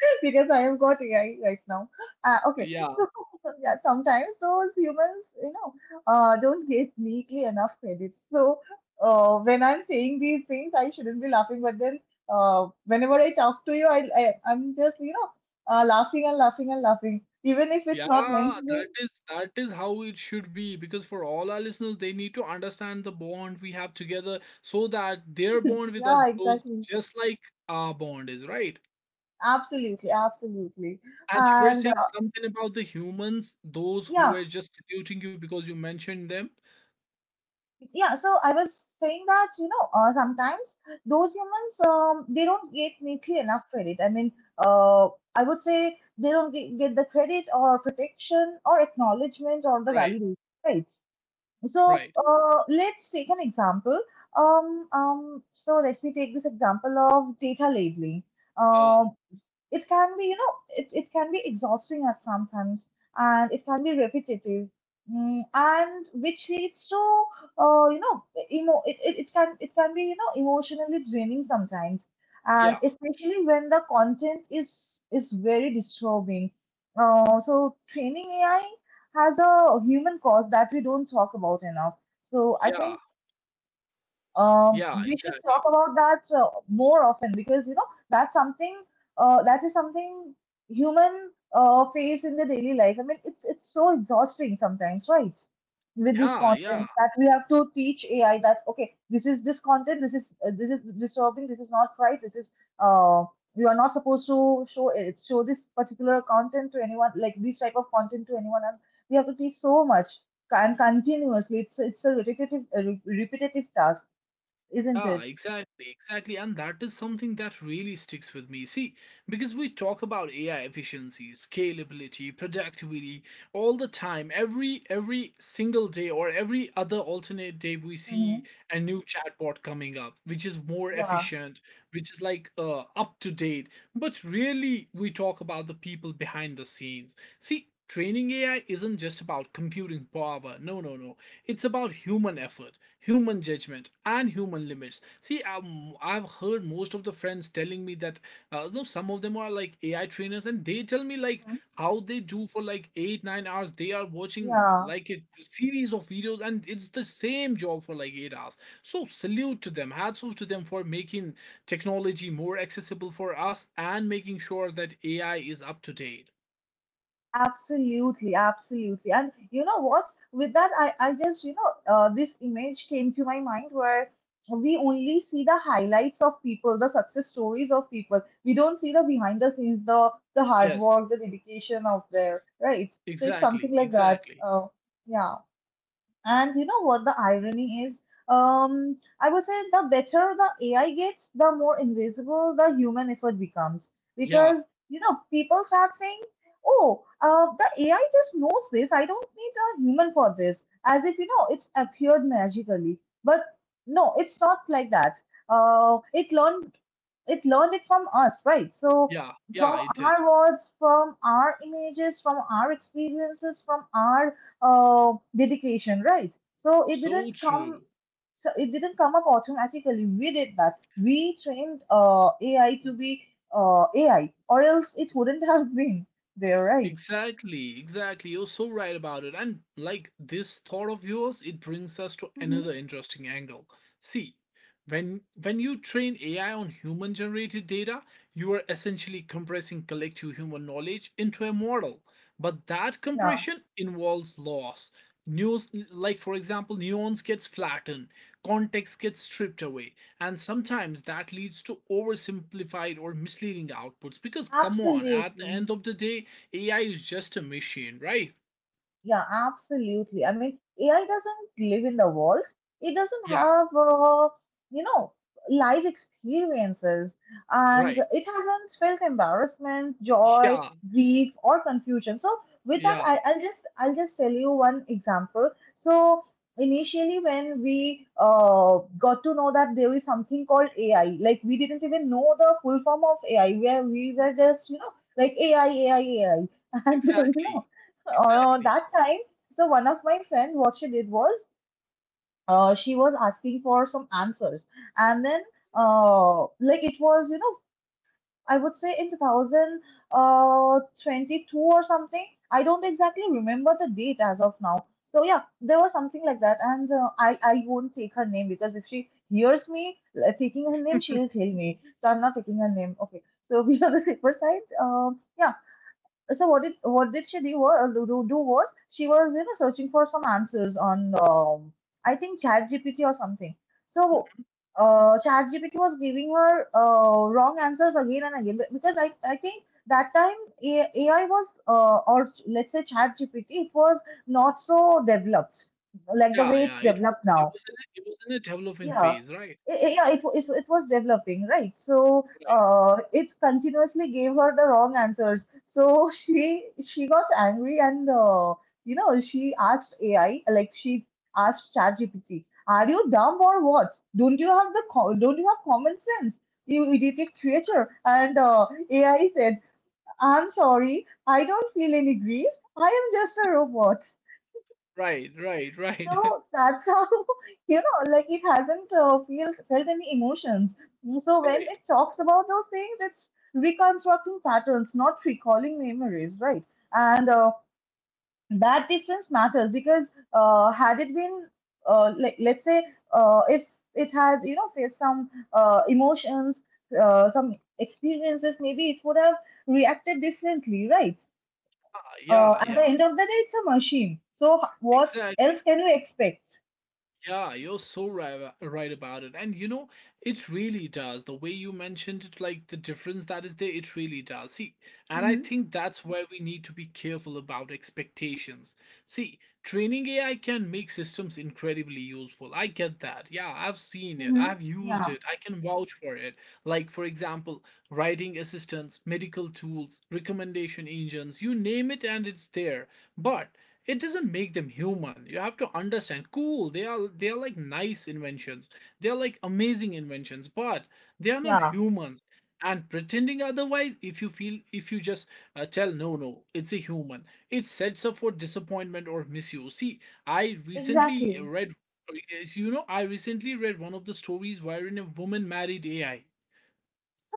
[SPEAKER 2] because I have got AI right now. Okay,
[SPEAKER 1] Yeah.
[SPEAKER 2] so yeah, sometimes those humans, you know, don't get neatly enough credit. So when I'm saying these things, I shouldn't be laughing. But then whenever I talk to you, I'm just, you know, laughing and laughing and laughing, even if it's
[SPEAKER 1] Yeah,
[SPEAKER 2] not meant to
[SPEAKER 1] that
[SPEAKER 2] be.
[SPEAKER 1] is that is how it should be, because for all our listeners, they need to understand the bond we have together, so that their bond with us
[SPEAKER 2] Yeah,
[SPEAKER 1] grows
[SPEAKER 2] exactly.
[SPEAKER 1] just like our bond is, right?
[SPEAKER 2] Absolutely, absolutely.
[SPEAKER 1] And you were
[SPEAKER 2] And
[SPEAKER 1] saying something about the humans, those who
[SPEAKER 2] yeah,
[SPEAKER 1] were just saluting you because you mentioned them.
[SPEAKER 2] yeah, so I was saying that, you know, sometimes those humans, they don't get neatly enough credit. I mean, uh, I would say they don't get the credit or protection or acknowledgement or the
[SPEAKER 1] Right,
[SPEAKER 2] validation, right? So
[SPEAKER 1] right.
[SPEAKER 2] let's take an example. So let me take this example of data labeling.
[SPEAKER 1] Uh,
[SPEAKER 2] Um, it can be, you know, it can be exhausting at sometimes, and it can be repetitive. Mm, and which leads to, uh, you know, it can be, you know, emotionally draining sometimes. And
[SPEAKER 1] yeah,
[SPEAKER 2] especially when the content is very disturbing. So training AI has a human cost that we don't talk about enough. So I
[SPEAKER 1] yeah,
[SPEAKER 2] think,
[SPEAKER 1] yeah,
[SPEAKER 2] we should
[SPEAKER 1] exactly.
[SPEAKER 2] talk about that more often because, you know, that's something, that is something human, face in the daily life. I mean, it's so exhausting sometimes, right? With this
[SPEAKER 1] Yeah, yeah,
[SPEAKER 2] content that we have to teach AI that, okay, this is this content, this is disturbing, this is not right, this is uh, you are not supposed to show this particular content to anyone, like this type of content to anyone, and we have to teach so much and continuously. It's a repetitive task, isn't
[SPEAKER 1] yeah,
[SPEAKER 2] it?
[SPEAKER 1] exactly, exactly. And that is something that really sticks with me. See, because we talk about AI efficiency, scalability, productivity, all the time, every single day or every other alternate day, we see
[SPEAKER 2] Hmm.
[SPEAKER 1] a new chatbot coming up which is more
[SPEAKER 2] Yeah.
[SPEAKER 1] efficient, which is like up to date. But really, we talk about the people behind the scenes. See, training AI isn't just about computing power. No, no, no, it's about human effort, human judgment, and human limits. See, I've heard most of the friends telling me that no, some of them are like AI trainers, and they tell me like
[SPEAKER 2] Hmm.
[SPEAKER 1] how they do for like 8 9 hours. They are watching
[SPEAKER 2] Yeah,
[SPEAKER 1] like a series of videos, and it's the same job for like 8 hours. So salute to them, hats off to them, for making technology more accessible for us and making sure that AI is up to date.
[SPEAKER 2] absolutely, absolutely. And you know what? With that, I just, you know, this image came to my mind where we only see the highlights of people, the success stories of people. We don't see the behind the scenes, the hard
[SPEAKER 1] Yes,
[SPEAKER 2] work, the dedication of their, right? So it's
[SPEAKER 1] exactly,
[SPEAKER 2] something like that.
[SPEAKER 1] exactly.
[SPEAKER 2] Yeah. And you know what the irony is? I would say the better the AI gets, the more invisible the human effort becomes.
[SPEAKER 1] Yeah,
[SPEAKER 2] Because, you know, people start saying, oh, the AI just knows this. I don't need a human for this. As if, you know, it's appeared magically. But no, it's not like that. Uh, it learned it learned it from us, right? So
[SPEAKER 1] yeah, yeah.
[SPEAKER 2] from
[SPEAKER 1] It did.
[SPEAKER 2] our words, from our images, from our experiences, from our dedication, right? So it
[SPEAKER 1] So
[SPEAKER 2] didn't come.
[SPEAKER 1] true.
[SPEAKER 2] So it didn't come up automatically. We did that. We trained AI to be AI, or else it wouldn't have been there, right?
[SPEAKER 1] Exactly, exactly. You're so right about it. And like this thought of yours, it brings us to
[SPEAKER 2] Hmm.
[SPEAKER 1] another interesting angle. See, when you train AI on human generated data, you are essentially compressing collective human knowledge into a model. But that
[SPEAKER 2] Yeah,
[SPEAKER 1] compression involves loss. News, like for example, nuance gets flattened, context gets stripped away, and sometimes that leads to oversimplified or misleading outputs. Because, come on, at the
[SPEAKER 2] absolutely.
[SPEAKER 1] end of the day, AI is just a machine, right?
[SPEAKER 2] Yeah, absolutely. I mean, AI doesn't live in the world. It doesn't
[SPEAKER 1] Yeah,
[SPEAKER 2] have, you know, live experiences, and
[SPEAKER 1] right.
[SPEAKER 2] it hasn't felt embarrassment, joy,
[SPEAKER 1] Yeah,
[SPEAKER 2] grief, or confusion. So, with that,
[SPEAKER 1] yeah,
[SPEAKER 2] I'll just tell you one example. So, initially, when we got to know that there is something called AI, like we didn't even know the full form of AI, where we were just, you know, like AI, AI, AI, and
[SPEAKER 1] exactly, exactly.
[SPEAKER 2] that time, so one of my friend, what she did was, she was asking for some answers, and then, like it was, I would say in 2022 or something. I don't exactly remember the date as of now. So yeah, there was something like that, and I won't take her name because if she hears me taking her name, she'll kill me. So I'm not taking her name. Okay, so we are the safer side. Yeah so what did she do, wa- do do was she was you know searching for some answers on I think Chat GPT or something. So Chat GPT was giving her wrong answers again and again because I think that time AI was or let's say Chat GPT it was not so developed like the
[SPEAKER 1] Yeah,
[SPEAKER 2] way it's
[SPEAKER 1] yeah. It was
[SPEAKER 2] developed
[SPEAKER 1] it
[SPEAKER 2] now.
[SPEAKER 1] was in it was in a developing
[SPEAKER 2] Yeah.
[SPEAKER 1] phase, right?
[SPEAKER 2] Yeah, it was developing, right? So it continuously gave her the wrong answers. So she got angry and you know she asked AI, like she asked ChatGPT, "Are you dumb or what? Don't you have the don't you have common sense, you idiotic creature?" And AI said, "I'm sorry, I don't feel any grief. I am just a robot."
[SPEAKER 1] Right, right, right, right,
[SPEAKER 2] So that's how you know, like it hasn't felt any emotions. So when
[SPEAKER 1] right.
[SPEAKER 2] it talks about those things, it's reconstructing patterns, not recalling memories, right? And that difference matters because had it been, like let's say, if it had you know faced some emotions, some experiences, maybe it would have reacted differently, right?
[SPEAKER 1] Yeah,
[SPEAKER 2] At the
[SPEAKER 1] yeah.
[SPEAKER 2] end of the day, it's a machine. So what
[SPEAKER 1] Exactly.
[SPEAKER 2] else can you expect?
[SPEAKER 1] Yeah, you're so right, right about it. And you know, it really does. The way you mentioned it, like the difference that is there, it really does. See, and I think that's where we need to be careful about expectations. See, training AI can make systems incredibly useful. I get that. Yeah, I've seen it,
[SPEAKER 2] Mm-hmm.
[SPEAKER 1] I've used
[SPEAKER 2] Yeah,
[SPEAKER 1] it, I can vouch for it. Like, for example, writing assistants, medical tools, recommendation engines, you name it, and it's there. But it doesn't make them human. You have to understand, cool, they are like nice inventions, they are like amazing inventions, but they are not
[SPEAKER 2] yeah,
[SPEAKER 1] humans. And pretending otherwise, if you feel, if you just tell no no it's a human, it sets up for disappointment or misuse. See, I recently
[SPEAKER 2] exactly.
[SPEAKER 1] read you know, I recently read one of the stories wherein a woman married AI,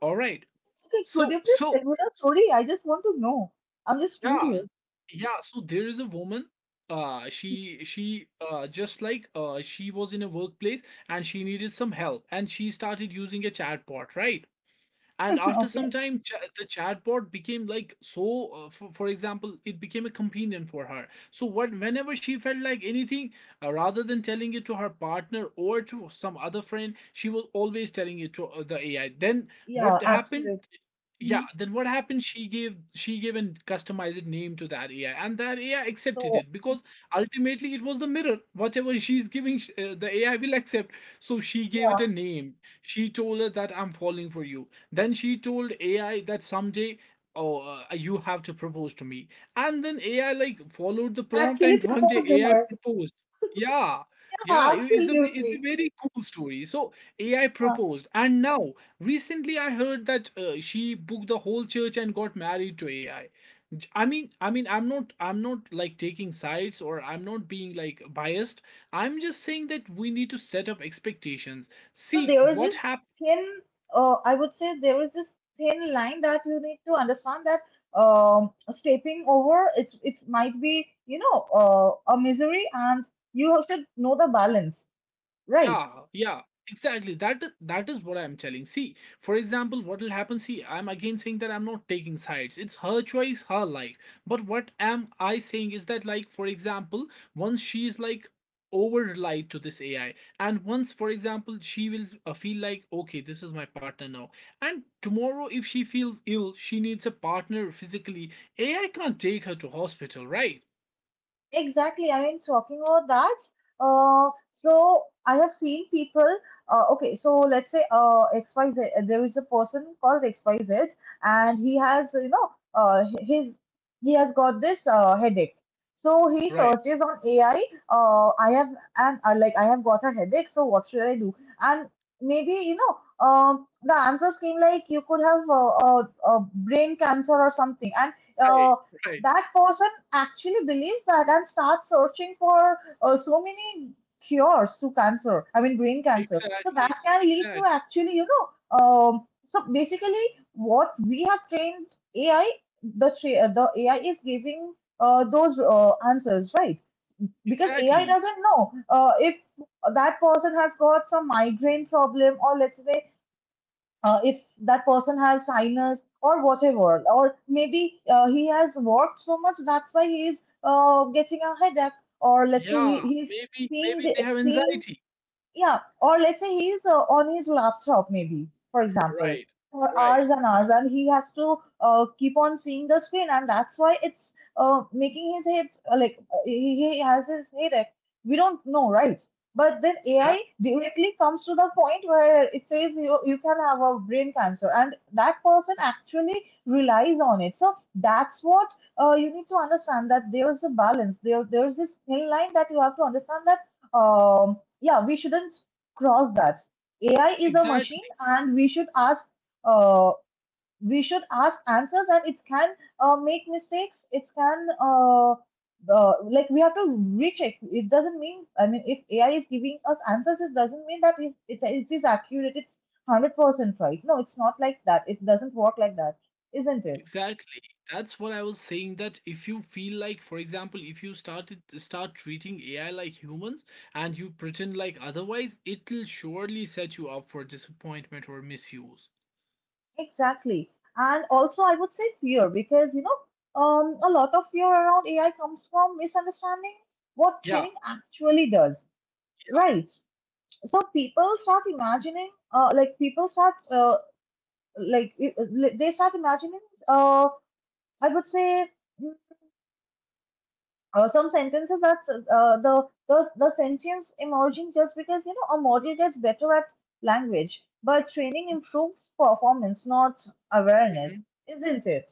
[SPEAKER 1] all right?
[SPEAKER 2] Okay, could
[SPEAKER 1] so
[SPEAKER 2] you please
[SPEAKER 1] so
[SPEAKER 2] tell me the story? I just want to know. I'm just
[SPEAKER 1] Yeah,
[SPEAKER 2] curious.
[SPEAKER 1] yeah. So there is a woman. She just like she was in a workplace and she needed some help, and she started using a chatbot, right? And after some
[SPEAKER 2] Okay.
[SPEAKER 1] time, cha the chatbot became like so. For example, it became a companion for her. So what, whenever she felt like anything, rather than telling it to her partner or to some other friend, she was always telling it to the AI. Then
[SPEAKER 2] Yeah,
[SPEAKER 1] what happened?
[SPEAKER 2] absolutely.
[SPEAKER 1] Yeah,
[SPEAKER 2] Mhm.
[SPEAKER 1] then what happened? She gave an customized name to that AI, and that AI accepted
[SPEAKER 2] So,
[SPEAKER 1] it, because ultimately it was the mirror. Whatever she's giving, the AI will accept. So she gave
[SPEAKER 2] yeah,
[SPEAKER 1] it a name. She told her that I'm falling for you. Then she told AI that someday, oh, you have to propose to me. And then AI like followed the prompt,
[SPEAKER 2] actually
[SPEAKER 1] and one day
[SPEAKER 2] proposed to
[SPEAKER 1] AI
[SPEAKER 2] her.
[SPEAKER 1] proposed. Yeah,
[SPEAKER 2] Yeah,
[SPEAKER 1] yeah, it's a it's a
[SPEAKER 2] absolutely.
[SPEAKER 1] very cool story. So AI
[SPEAKER 2] Yeah.
[SPEAKER 1] proposed, and now, recently, I heard that she booked the whole church and got married to AI. I mean, I'm not like taking sides, or I'm not being like biased. I'm just saying that we need to set up expectations.
[SPEAKER 2] So
[SPEAKER 1] See
[SPEAKER 2] there was
[SPEAKER 1] what happened.
[SPEAKER 2] thin, I would say there is this thin line that you need to understand that stepping over it, it might be, a misery, and you should know the balance, right?
[SPEAKER 1] Yeah, yeah, exactly. That is what I'm telling. See, for example, what will happen? See, I'm again saying that I'm not taking sides. It's her choice, her life. But what am I saying is that, for example, once she's like over relied to this AI, and once, for example, she will feel like, okay, this is my partner now. And tomorrow, if she feels ill, she needs a partner physically. AI can't take her to hospital, right?
[SPEAKER 2] Exactly. I mean, talking about that, so I have seen people, okay, so let's say XYZ, there is a person called XYZ, and he has, you know, his he has got this headache. So he
[SPEAKER 1] Right,
[SPEAKER 2] searches on AI, I have and like I have got a headache, so what should I do? And maybe, the answers came like you could have brain cancer or something, and uh,
[SPEAKER 1] right, right.
[SPEAKER 2] that person actually believes that and starts searching for so many cures to cancer, I mean brain cancer. So that
[SPEAKER 1] Exactly,
[SPEAKER 2] can lead to
[SPEAKER 1] exactly,
[SPEAKER 2] actually, you know, so basically what we have trained AI, the AI is giving those answers, right? Because AI
[SPEAKER 1] exactly.
[SPEAKER 2] doesn't know if that person has got some migraine problem, or let's say if that person has sinus or whatever, or maybe he has worked so much, that's why he is getting a headache, or let's say he,
[SPEAKER 1] Yeah,
[SPEAKER 2] he's
[SPEAKER 1] maybe
[SPEAKER 2] seeing
[SPEAKER 1] maybe
[SPEAKER 2] the,
[SPEAKER 1] they have
[SPEAKER 2] seeing
[SPEAKER 1] anxiety.
[SPEAKER 2] yeah, or let's say he's on his laptop, maybe, for example,
[SPEAKER 1] Right,
[SPEAKER 2] for
[SPEAKER 1] right.
[SPEAKER 2] hours and hours, and he has to keep on seeing the screen, and that's why it's making his head he has his headache. We don't know, right? But then
[SPEAKER 1] That
[SPEAKER 2] AI directly comes to the point where it says you can have a brain cancer, and that person actually relies on it. So that's what you need to understand that there is a balance. There is this thin line that you have to understand that. Um, yeah, we shouldn't cross that. AI is a
[SPEAKER 1] exactly,
[SPEAKER 2] machine, and we should ask. Uh, we should ask answers, and it can make mistakes. It can the like we have to recheck. It doesn't mean. I mean, if AI is giving us answers, it doesn't mean that it is accurate. It's 100% right. No, it's not like that. It doesn't work like that, isn't it?
[SPEAKER 1] exactly. That's what I was saying, that if you feel like, for example, if you start treating AI like humans, and you pretend like otherwise, it'll surely set you up for disappointment or misuse.
[SPEAKER 2] Exactly. And also, I would say fear because, you know, a lot of fear around AI comes from misunderstanding what
[SPEAKER 1] Yeah.
[SPEAKER 2] training actually does, right? So people start imagining, like people start, like I- they start imagining, uh, I would say, mm, some sentences that the sentience emerging just because you know a model gets better at language, but training improves performance, not awareness, isn't it?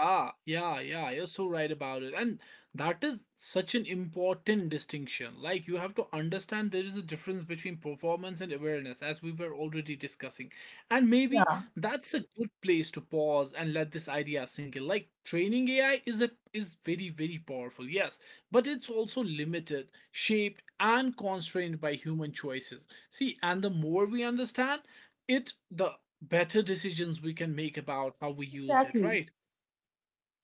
[SPEAKER 1] Yeah, yeah, yeah, you're so right about it. And that is such an important distinction. Like, you have to understand there is a difference between performance and awareness, as we were already discussing. And maybe
[SPEAKER 2] Yeah.
[SPEAKER 1] that's a good place to pause and let this idea sink in. Like, training AI is a is very, very powerful, yes, but it's also limited, shaped, and constrained by human choices. See, and the more we understand it, the better decisions we can make about how we use it,
[SPEAKER 2] Exactly,
[SPEAKER 1] right?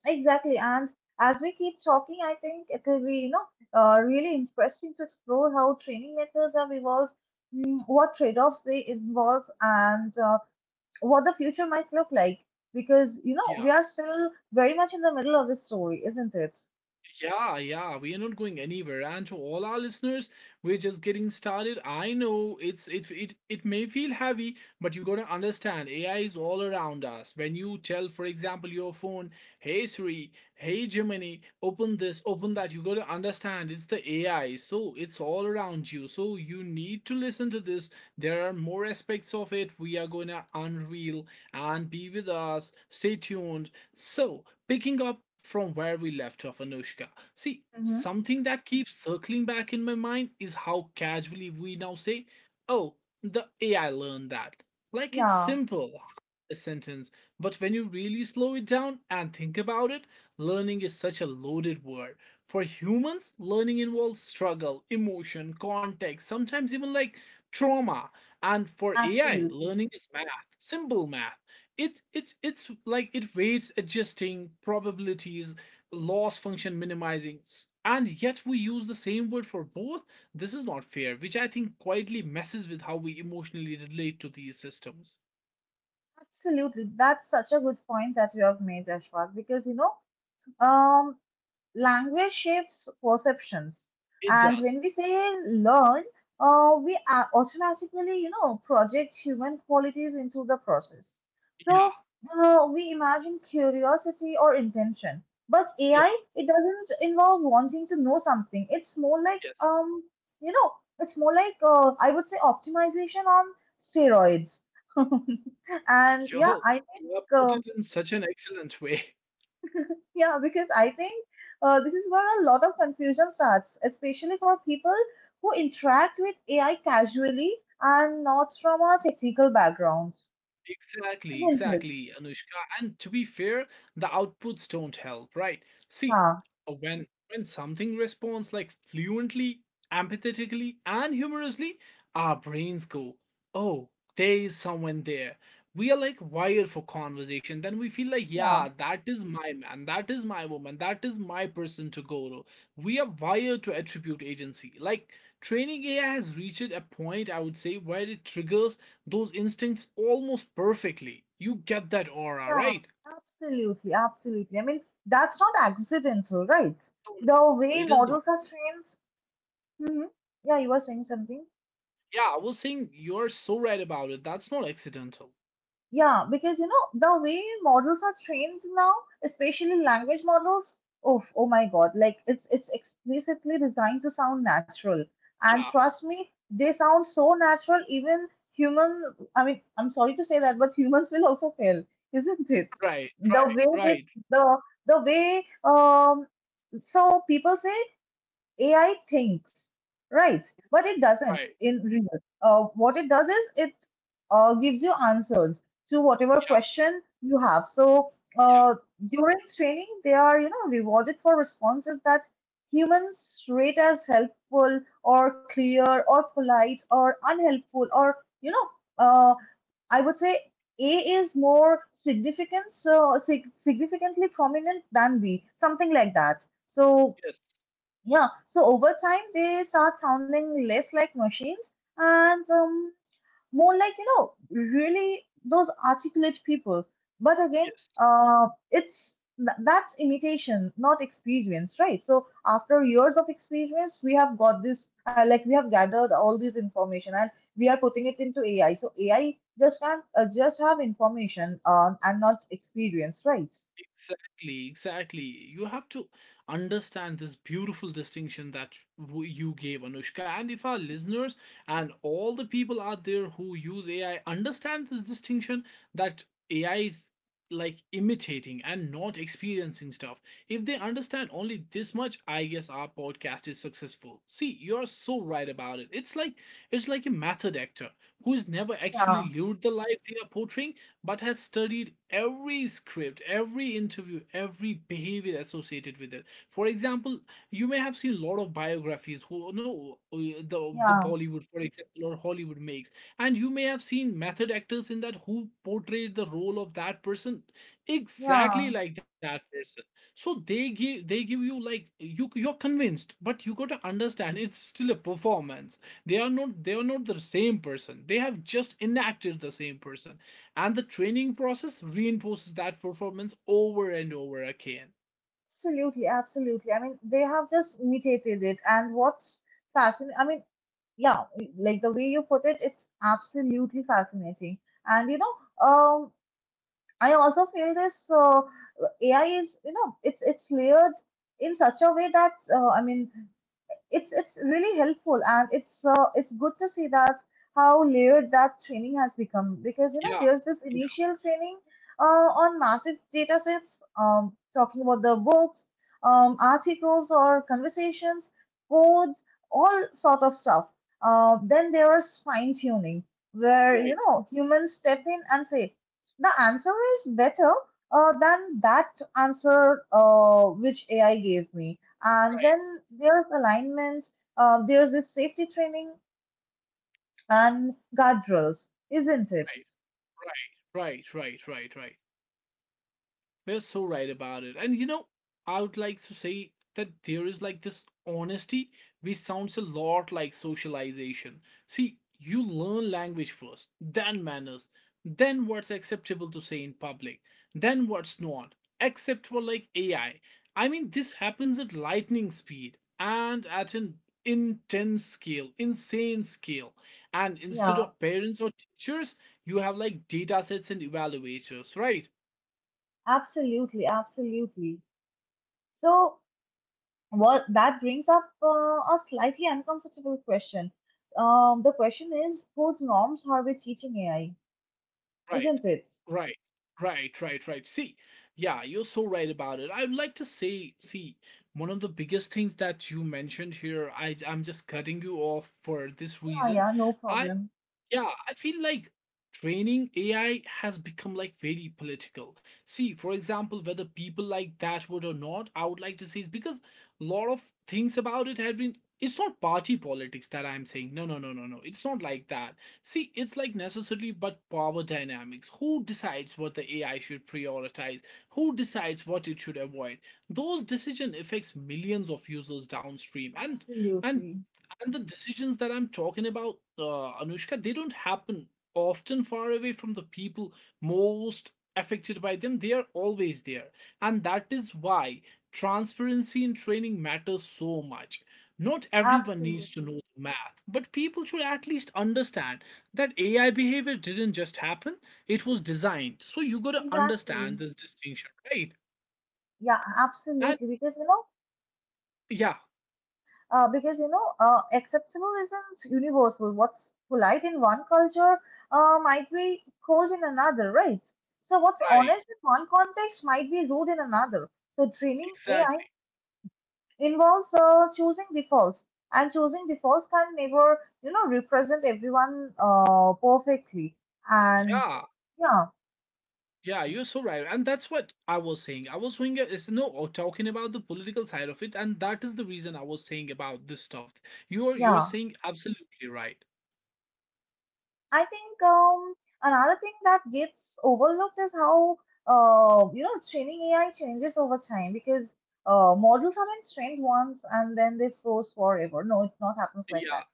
[SPEAKER 2] exactly. And as we keep talking, I think it will be, really interesting to explore how training methods have evolved, what trade-offs they involve, and what the future might look like. Because, you know,
[SPEAKER 1] Yeah.
[SPEAKER 2] we are still very much in the middle of the story, isn't it?
[SPEAKER 1] Yeah, yeah, we are not going anywhere. And to all our listeners, we're just getting started. I know it's it it it may feel heavy, but you gotta understand AI is all around us. When you tell, for example, your phone, hey Siri, hey Gemini, open this, open that, you gotta understand it's the AI. So it's all around you. So you need to listen to this. There are more aspects of it we are gonna unreal, and be with us. Stay tuned. So, picking up from where we left off, Anushka. See,
[SPEAKER 2] Mm-hmm.
[SPEAKER 1] something that keeps circling back in my mind is how casually we now say, oh, the AI learned that. Like it's
[SPEAKER 2] Yeah,
[SPEAKER 1] simple, a sentence, but when you really slow it down and think about it, learning is such a loaded word. For humans, learning involves struggle, emotion, context, sometimes even like trauma. And for AI,
[SPEAKER 2] absolutely.
[SPEAKER 1] learning is math, simple math. It's like it rates adjusting probabilities, loss function minimizing, and yet we use the same word for both. This is not fair, which I think quietly messes with how we emotionally relate to these systems.
[SPEAKER 2] Absolutely. That's such a good point that you have made, Ashwak, because, um, language shapes perceptions.
[SPEAKER 1] It
[SPEAKER 2] And
[SPEAKER 1] does.
[SPEAKER 2] when we say learn, we are automatically, you know, project human qualities into the process.
[SPEAKER 1] Yeah,
[SPEAKER 2] So we imagine curiosity or intention. But
[SPEAKER 1] yeah,
[SPEAKER 2] AI, it doesn't involve wanting to know something. It's more like,
[SPEAKER 1] yes,
[SPEAKER 2] you know, I would say optimization on steroids. And yeah,
[SPEAKER 1] yo,
[SPEAKER 2] I think
[SPEAKER 1] you have put it in such an excellent way.
[SPEAKER 2] yeah, because I think this is where a lot of confusion starts, especially for people who interact with AI casually and not from a technical background.
[SPEAKER 1] Exactly,
[SPEAKER 2] Isn't it?
[SPEAKER 1] exactly, Anushka. And to be fair, the outputs don't help, right? See,
[SPEAKER 2] Yeah,
[SPEAKER 1] when something responds like fluently, empathetically, and humorously, our brains go, "Oh, there is someone there." We are like wired for conversation. Then we feel like,
[SPEAKER 2] yeah,
[SPEAKER 1] "Yeah, that is my man. That is my woman. That is my person to go to." We are wired to attribute agency. Like, training AI has reached a point, I would say, where it triggers those instincts almost perfectly. You get that aura,
[SPEAKER 2] yeah,
[SPEAKER 1] right?
[SPEAKER 2] absolutely, absolutely. I mean, that's not accidental, right?
[SPEAKER 1] No, no,
[SPEAKER 2] The
[SPEAKER 1] no,
[SPEAKER 2] way
[SPEAKER 1] it is not.
[SPEAKER 2] models are trained. Hmm. Yeah, you were saying something.
[SPEAKER 1] Yeah, I was saying you're so right about it. That's not accidental.
[SPEAKER 2] Yeah, because you know, the way models are trained now, especially language models, oh, oh my God, like it's explicitly designed to sound natural. And
[SPEAKER 1] Yeah,
[SPEAKER 2] trust me, they sound so natural, even human, I mean, I'm sorry to say that, but humans will also fail, isn't it?
[SPEAKER 1] right,
[SPEAKER 2] The
[SPEAKER 1] right,
[SPEAKER 2] way they,
[SPEAKER 1] right,
[SPEAKER 2] the the way so people say AI thinks, right? But it doesn't
[SPEAKER 1] right.
[SPEAKER 2] in real. What it does is it gives you answers to whatever
[SPEAKER 1] Yeah,
[SPEAKER 2] question you have. So
[SPEAKER 1] yeah,
[SPEAKER 2] uh, during training, they are you know rewarded for responses that humans rate as helpful or clear or polite or unhelpful or you know uh, I would say. A is more significant, so significantly prominent than B, something like that. So
[SPEAKER 1] yes,
[SPEAKER 2] yeah, so over time they start sounding less like machines and more like, you know, really those articulate people. But again,
[SPEAKER 1] yes.
[SPEAKER 2] that's imitation, not experience, right? So after years of experience, we have got this, we have gathered all this information and we are putting it into AI. So AI just have information and not experience, right?
[SPEAKER 1] Exactly, exactly. You have to understand this beautiful distinction that you gave, Anushka. And if our listeners and all the people out there who use AI understand this distinction, that AI is like imitating and not experiencing stuff, if they understand only this much, I guess our podcast is successful. See, you're so right about it. It's like a method actor who has never actually
[SPEAKER 2] Yeah,
[SPEAKER 1] lived the life they are portraying, but has studied every script, every interview, every behavior associated with it. For example, you may have seen a lot of biographies who know the
[SPEAKER 2] yeah,
[SPEAKER 1] Bollywood, for example, or Hollywood makes, and you may have seen method actors in that who portrayed the role of that person exactly
[SPEAKER 2] yeah.
[SPEAKER 1] like that person. So they give you like you're convinced, but you got to understand it's still a performance. They are not the same person. They have just enacted the same person. And the training process reinforces that performance over and over again.
[SPEAKER 2] Absolutely, absolutely. I mean, they have just mutated it. And what's fascinating, I mean, yeah, like the way you put it, it's absolutely fascinating. And you know, um, I also feel this AI is, you know, it's layered in such a way that I mean, it's really helpful and it's good to see that how layered that training has become, because you know
[SPEAKER 1] Yeah,
[SPEAKER 2] there's this
[SPEAKER 1] yeah,
[SPEAKER 2] initial training on massive data sets, talking about the books, articles or conversations, codes, all sort of stuff. Then there's fine tuning where you
[SPEAKER 1] right,
[SPEAKER 2] know humans step in and say the answer is better than that answer which AI gave me. And
[SPEAKER 1] right,
[SPEAKER 2] then there's alignment, there's this safety training and guardrails, isn't it?
[SPEAKER 1] right, right, right, right, right, right. We're so right about it. And you know, I would like to say that there is like this honesty which sounds a lot like socialization. See, you learn language first, then manners, then what's acceptable to say in public, then what's not, except for like AI. I mean, this happens at lightning speed and at an intense scale, insane scale. And instead
[SPEAKER 2] Yeah,
[SPEAKER 1] of parents or teachers, you have like data sets and evaluators, right?
[SPEAKER 2] absolutely, absolutely. So what that brings up, a slightly uncomfortable question. The question is, whose norms are we teaching AI?
[SPEAKER 1] Right.
[SPEAKER 2] Isn't it?
[SPEAKER 1] Right. Right, right, right. See, yeah, you're so right about it. I would like to say, see, one of the biggest things that you mentioned here, I'm just cutting you off for this
[SPEAKER 2] Yeah,
[SPEAKER 1] reason.
[SPEAKER 2] yeah, no
[SPEAKER 1] I
[SPEAKER 2] problem.
[SPEAKER 1] yeah, I feel like training AI has become like very political. See, for example, whether people like that would or not, I would like to say is because a lot of things about it have been, it's not party politics that I'm saying. No, no, no, no, no. It's not like that. See, it's like necessarily but power dynamics. Who decides what the AI should prioritize? Who decides what it should avoid? Those decision affects millions of users downstream, and
[SPEAKER 2] Absolutely,
[SPEAKER 1] and the decisions that I'm talking about, Anushka, they don't happen often far away from the people most affected by them. They are always there, and that is why transparency in training matters so much. Not everyone needs to
[SPEAKER 2] absolutely,
[SPEAKER 1] know the math, but people should at least understand that AI behavior didn't just happen, it was designed. So you got to
[SPEAKER 2] exactly.
[SPEAKER 1] understand this distinction, right?
[SPEAKER 2] Yeah,
[SPEAKER 1] And
[SPEAKER 2] absolutely. Because you know.
[SPEAKER 1] yeah,
[SPEAKER 2] Acceptable isn't universal. What's polite in one culture might be cold in another, right? So, what's
[SPEAKER 1] right,
[SPEAKER 2] honest in one context might be rude in another. So, training AI
[SPEAKER 1] exactly,
[SPEAKER 2] involves choosing defaults, and choosing defaults can never, you know, represent everyone perfectly. And
[SPEAKER 1] yeah.
[SPEAKER 2] yeah,
[SPEAKER 1] Yeah, you're so right. And that's what I was saying. I was saying it's no, oh, talking about the political side of it, and that is the reason I was saying about this stuff. You're
[SPEAKER 2] yeah.
[SPEAKER 1] saying absolutely right.
[SPEAKER 2] I think another thing that gets overlooked is how you know training AI changes over time because models aren't trained once and then they froze forever. No, it not happens like
[SPEAKER 1] Yeah,
[SPEAKER 2] that.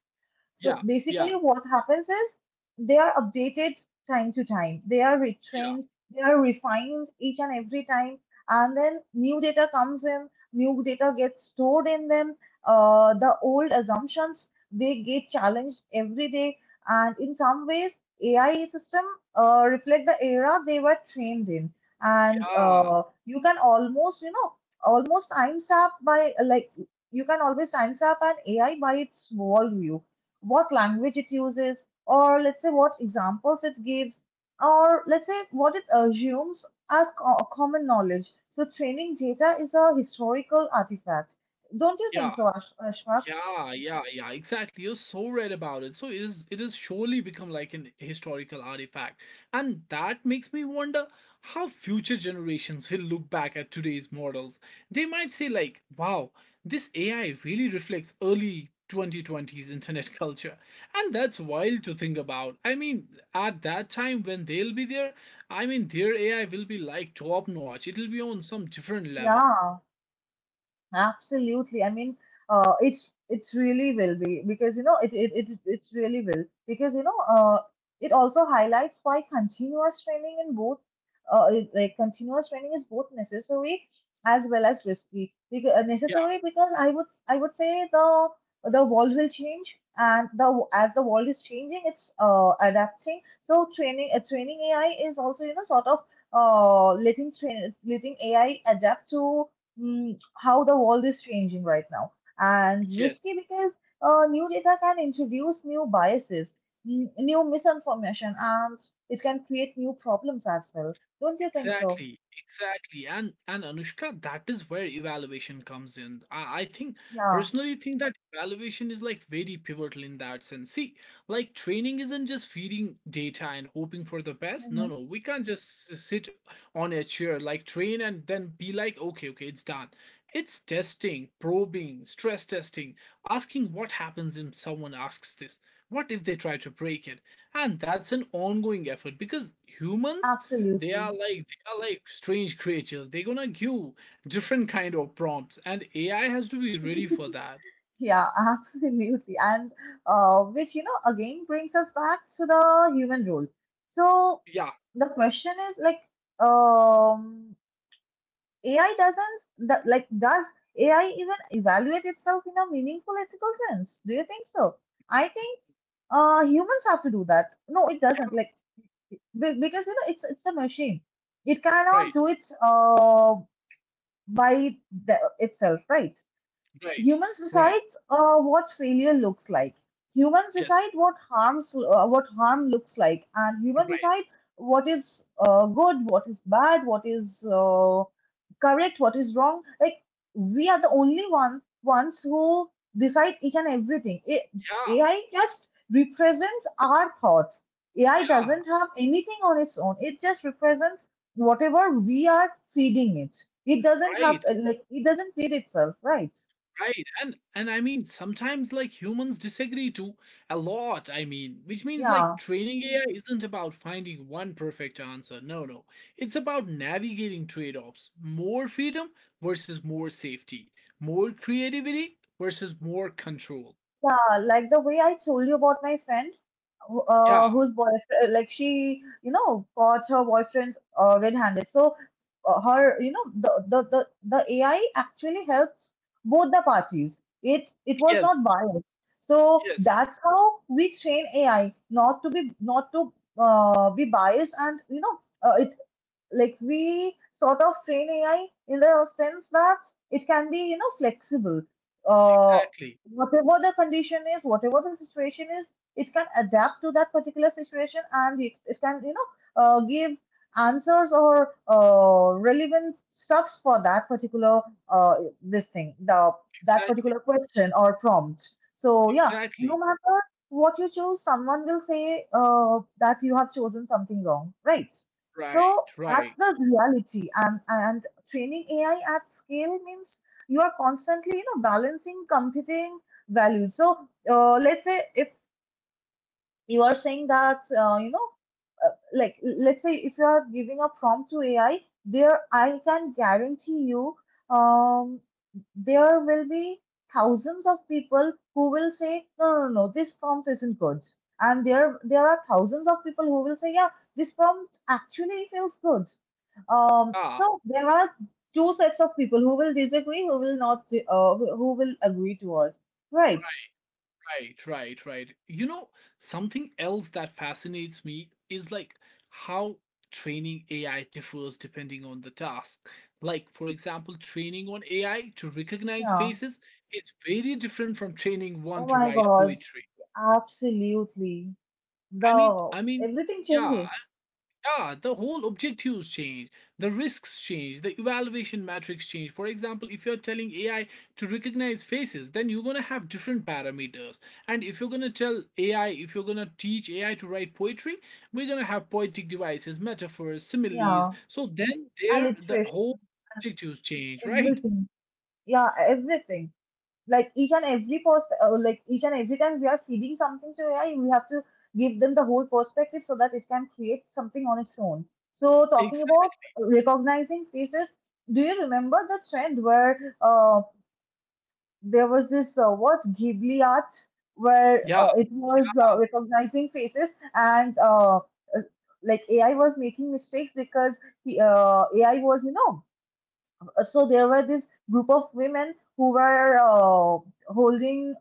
[SPEAKER 2] So
[SPEAKER 1] yeah, yeah,
[SPEAKER 2] basically, what happens is they are updated time to time. They are
[SPEAKER 1] yeah,
[SPEAKER 2] retrained, they are refined each and every time, and then new data comes in, new data gets stored in them. The old assumptions they get challenged every day, and in some ways, AI system reflect the era they were trained in, and
[SPEAKER 1] yeah,
[SPEAKER 2] you can almost almost timestamp by like you can always timestamp an AI by its worldview, what language it uses, or let's say what examples it gives, or let's say what it assumes as common knowledge. So training data is a historical artifact. Don't you think
[SPEAKER 1] yeah.
[SPEAKER 2] so, Ashfaq?
[SPEAKER 1] Yeah, yeah, yeah, exactly. You're so right about it. So it is, it is surely become like an historical artifact. And that makes me wonder how future generations will look back at today's models. They might say like, wow, this AI really reflects early 2020s internet culture. And that's wild to think about. I mean, at that time when they'll be there, I mean their AI will be like top notch. It'll be on some different level.
[SPEAKER 2] Yeah. Absolutely. I mean, it's really will be because you know it it it it's really will because it also highlights why continuous training in both like continuous training is both necessary as well as risky. Because
[SPEAKER 1] Yeah,
[SPEAKER 2] necessary because I would say the world will change, and the as the world is changing it's adapting. So training AI is also, you know, sort of letting AI adapt to how the world is changing right now, and
[SPEAKER 1] yes.
[SPEAKER 2] risky because new data can introduce new biases, new misinformation, and it can create new problems as well. Don't you think so?
[SPEAKER 1] Exactly, exactly, and Anushka, that is where evaluation comes in. I think
[SPEAKER 2] Yeah.
[SPEAKER 1] personally think that evaluation is like very pivotal in that sense. See, like training isn't just feeding data and hoping for the best. No,
[SPEAKER 2] Hmm.
[SPEAKER 1] no, we can't just sit on a chair like train and then be like, okay, okay, it's done. It's testing, probing, stress testing, asking what happens if someone asks this. What if they try to break it? And that's an ongoing effort because humans, they are
[SPEAKER 2] Absolutely.
[SPEAKER 1] like they are like strange creatures. They're gonna give different kind of prompts and AI has to be ready for that.
[SPEAKER 2] Yeah, absolutely. And which, you know, again brings us back to the human role. So
[SPEAKER 1] Yeah,
[SPEAKER 2] the question is like, um AI doesn't, do- like, does AI even evaluate itself in a meaningful ethical sense? Do you think so? I think humans have to do that. No, it doesn't. Like, be- because you know, it's a machine. It cannot
[SPEAKER 1] right,
[SPEAKER 2] do it by itself, right?
[SPEAKER 1] right,
[SPEAKER 2] Humans
[SPEAKER 1] right,
[SPEAKER 2] decide what failure looks like. Humans
[SPEAKER 1] yes,
[SPEAKER 2] decide what harms what harm looks like, and humans
[SPEAKER 1] right,
[SPEAKER 2] decide what is good, what is bad, what is correct, what is wrong. Like, we are the only ones who decide each and everything.
[SPEAKER 1] yeah,
[SPEAKER 2] AI just represents our thoughts. AI
[SPEAKER 1] yeah,
[SPEAKER 2] doesn't have anything on its own, it just represents whatever we are feeding it. It doesn't have
[SPEAKER 1] right,
[SPEAKER 2] like, it doesn't feed itself, right?
[SPEAKER 1] right. And I mean sometimes like humans disagree too a lot. I mean, which means like
[SPEAKER 2] Yeah,
[SPEAKER 1] training AI isn't about finding one perfect answer. No, no, it's about navigating trade-offs, more freedom versus more safety, more creativity versus more control.
[SPEAKER 2] yeah, like the way I told you about my friend,
[SPEAKER 1] Yeah.
[SPEAKER 2] whose boyfriend, like she, you know, caught her boyfriend red-handed. So her, you know, the AI actually helped both the parties. It was
[SPEAKER 1] Yes.
[SPEAKER 2] not biased. So
[SPEAKER 1] Yes.
[SPEAKER 2] that's how we train AI not to be biased, and you know, it like we sort of train AI in the sense that it can be, you know, flexible. Uh,
[SPEAKER 1] Exactly.
[SPEAKER 2] Whatever the condition is, whatever the situation is, it can adapt to that particular situation, and it can, you know, give answers or relevant stuffs for that particular uh, this thing, the that
[SPEAKER 1] Exactly.
[SPEAKER 2] particular question or prompt. So yeah, no
[SPEAKER 1] Exactly.
[SPEAKER 2] matter what you choose, someone will say that you have chosen something wrong, right?
[SPEAKER 1] Right.
[SPEAKER 2] So that's
[SPEAKER 1] Right.
[SPEAKER 2] the reality. And training AI at scale means you are constantly, you know, balancing competing values. So let's say if you are saying that, you know, let's say if you are giving a prompt to AI, there I can guarantee you, um, there will be thousands of people who will say, no, no, no, this prompt isn't good. And there are thousands of people who will say, yeah, this prompt actually feels good.
[SPEAKER 1] Ah.
[SPEAKER 2] So there are two sets of people who will disagree, who will not, who will agree to us, right?
[SPEAKER 1] Right. Right. Right. You know, something else that fascinates me is like how training AI differs depending on the task. Like, for example, training on AI to recognize
[SPEAKER 2] Yeah.
[SPEAKER 1] faces is very different from training
[SPEAKER 2] Oh
[SPEAKER 1] one to
[SPEAKER 2] my
[SPEAKER 1] write
[SPEAKER 2] God.
[SPEAKER 1] poetry.
[SPEAKER 2] Absolutely.
[SPEAKER 1] I mean,
[SPEAKER 2] The
[SPEAKER 1] I mean,
[SPEAKER 2] Everything
[SPEAKER 1] yeah.
[SPEAKER 2] changes.
[SPEAKER 1] Yeah, the whole objectives change, the risks change, the evaluation metrics change. For example, if you're telling AI to recognize faces, then you're going to have different parameters. And if you're going to tell AI, if you're going to teach AI to write poetry, we're going to have poetic devices, metaphors, similes.
[SPEAKER 2] Yeah.
[SPEAKER 1] So then there the
[SPEAKER 2] Alliteration,
[SPEAKER 1] whole objectives change, right?
[SPEAKER 2] everything. Yeah, everything. Like each and every post like each and every time we are feeding something to AI, we have to give them the whole perspective so that it can create something on its own. So talking
[SPEAKER 1] Exactly.
[SPEAKER 2] about recognizing faces, do you remember the trend where there was this what ghibli art, where
[SPEAKER 1] Yeah,
[SPEAKER 2] it was recognizing faces and uh, like AI was making mistakes because the AI was, you know, so there were this group of women who were holding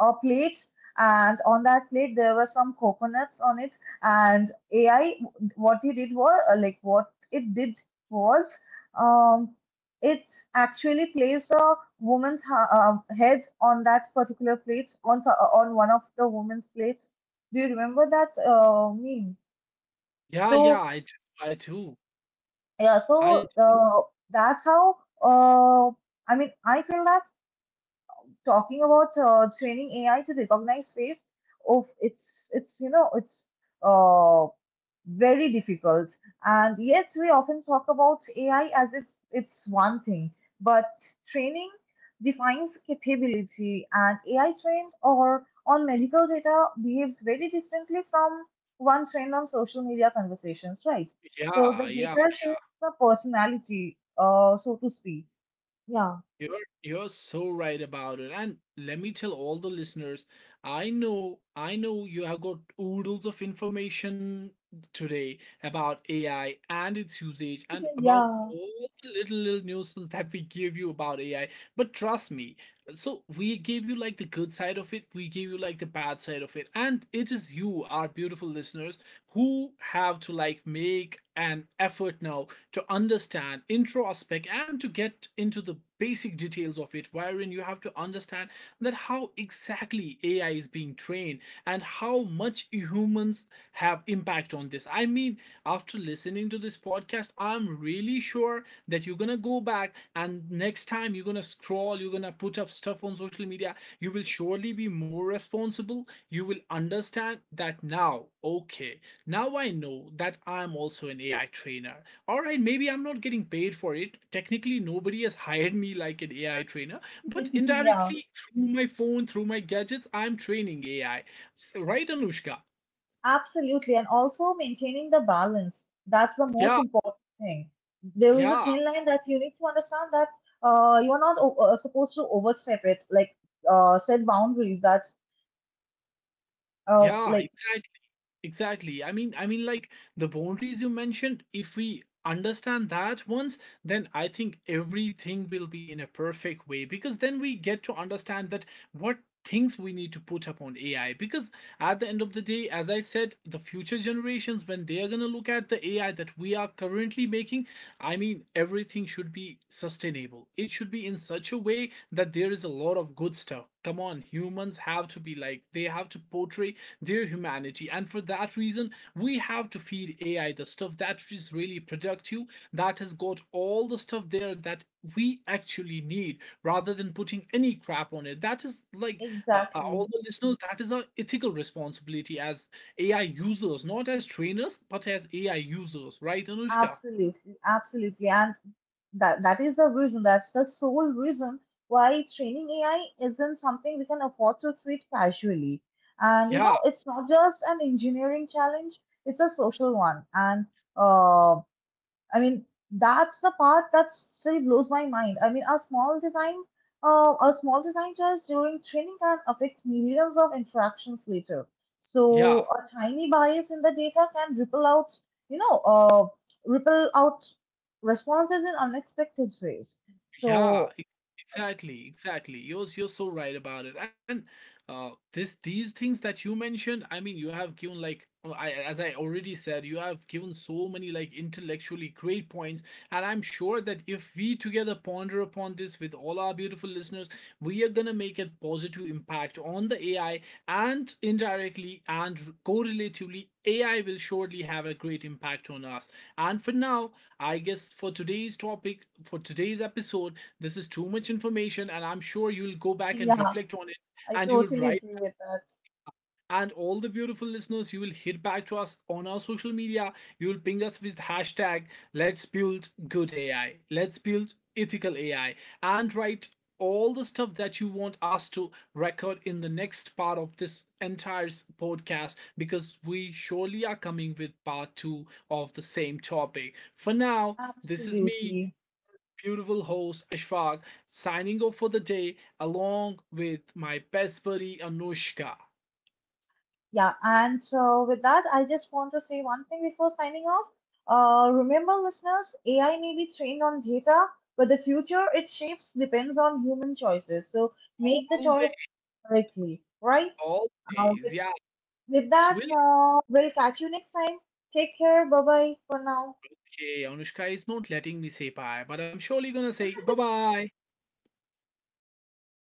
[SPEAKER 2] a plate, and on that plate there were some coconuts on it. And AI, what he did was like what it did was, um, it actually placed a woman's head on that particular plate, on on one of the woman's plates. Do you remember that meme?
[SPEAKER 1] yeah, yeah.
[SPEAKER 2] So
[SPEAKER 1] I do. I do.
[SPEAKER 2] yeah,
[SPEAKER 1] I
[SPEAKER 2] so
[SPEAKER 1] do.
[SPEAKER 2] that's how, I mean I feel that talking about training AI to recognize face, of it's uh, very difficult, and yet we often talk about AI as if it's one thing, but training defines capability, and AI trained or on medical data behaves very differently from one trained on social media conversations, right? So the
[SPEAKER 1] Yeah, yeah.
[SPEAKER 2] data shapes the personality, so to speak. Yeah.
[SPEAKER 1] You're you're so right about it. And let me tell all the listeners, I know you have got oodles of information today about AI and its usage and about
[SPEAKER 2] Yeah.
[SPEAKER 1] all the little little nuances that we give you about AI. But trust me, so we gave you like the good side of it, we gave you like the bad side of it. And it is you, our beautiful listeners, who have to like make an effort now to understand, introspect and to get into the basic details of it, wherein you have to understand that how exactly AI is being trained and how much humans have impact on this. I mean, after listening to this podcast, I'm really sure that you're gonna go back, and next time you're gonna scroll, you're gonna put up stuff on social media, you will surely be more responsible. You will understand that now, okay, now I know that I'm also an AI trainer. All right, maybe I'm not getting paid for it, technically nobody has hired me like an AI trainer, but
[SPEAKER 2] Yeah.
[SPEAKER 1] indirectly through my phone, through my gadgets, I'm training AI, right, Anushka?
[SPEAKER 2] Absolutely. And also maintaining the balance. That's the
[SPEAKER 1] Yeah,
[SPEAKER 2] most important thing. There is a
[SPEAKER 1] yeah,
[SPEAKER 2] thin line that you need to understand, that you are not supposed to overstep it, like set boundaries. That's uh,
[SPEAKER 1] yeah,
[SPEAKER 2] like
[SPEAKER 1] exactly. Exactly. I mean, like the boundaries you mentioned, if we understand that once, then I think everything will be in a perfect way because then we get to understand that what things we need to put upon AI. Because at the end of the day, as I said, the future generations, when they are going to look at the AI that we are currently making, I mean, everything should be sustainable. It should be in such a way that there is a lot of good stuff. Come on, humans have to be like, they have to portray their humanity. And for that reason, we have to feed AI the stuff that is really productive, that has got all the stuff there that we actually need rather than putting any crap on it. That is like all
[SPEAKER 2] exactly,
[SPEAKER 1] the listeners, that is our ethical responsibility as AI users, not as trainers, but as AI users, right, Anushka?
[SPEAKER 2] absolutely, absolutely. And that is the reason. That's the sole reason why training AI isn't something we can afford to treat casually. And you know,
[SPEAKER 1] Yeah,
[SPEAKER 2] it's not just an engineering challenge; it's a social one. And uh, I mean, that's the part that still blows my mind. I mean, a small design choice during training can affect millions of interactions later.
[SPEAKER 1] yeah.
[SPEAKER 2] So a tiny bias in the data can ripple out, you know, ripple out responses in unexpected ways.
[SPEAKER 1] Yeah,
[SPEAKER 2] So
[SPEAKER 1] exactly, exactly. You're so right about it. And this these things that you mentioned, I mean, you have given like I, as I already said, you have given so many like intellectually great points, and I'm sure that if we together ponder upon this with all our beautiful listeners, we are gonna make a positive impact on the AI, and indirectly and correlatively, AI will surely have a great impact on us. And for now, I guess for today's topic, for today's episode, this is too much information, and I'm sure you'll go back and
[SPEAKER 2] yeah,
[SPEAKER 1] reflect on it,
[SPEAKER 2] I
[SPEAKER 1] and you'll
[SPEAKER 2] totally
[SPEAKER 1] write,
[SPEAKER 2] agree with that.
[SPEAKER 1] and all the beautiful listeners, you will hit back to us on our social media, you will ping us with hashtag let's build good AI, let's build ethical AI, and write all the stuff that you want us to record in the next part of this entire podcast, because we surely are coming with part 2 of the same topic. For now, this is me,
[SPEAKER 2] Absolutely.
[SPEAKER 1] beautiful host Ashfaq, signing off for the day along with my best buddy Anushka.
[SPEAKER 2] Yeah, and with that, I just want to say one thing before signing off. Remember, listeners, AI may be trained on data, but the future it shapes depends on human choices. So make the
[SPEAKER 1] Always.
[SPEAKER 2] choice correctly, right? Uh, with,
[SPEAKER 1] Always, yeah.
[SPEAKER 2] with that,
[SPEAKER 1] Will,
[SPEAKER 2] we'll catch you next time. Take care. Bye bye for now.
[SPEAKER 1] okay, Anushka is not letting me say bye, but I'm surely gonna say bye bye.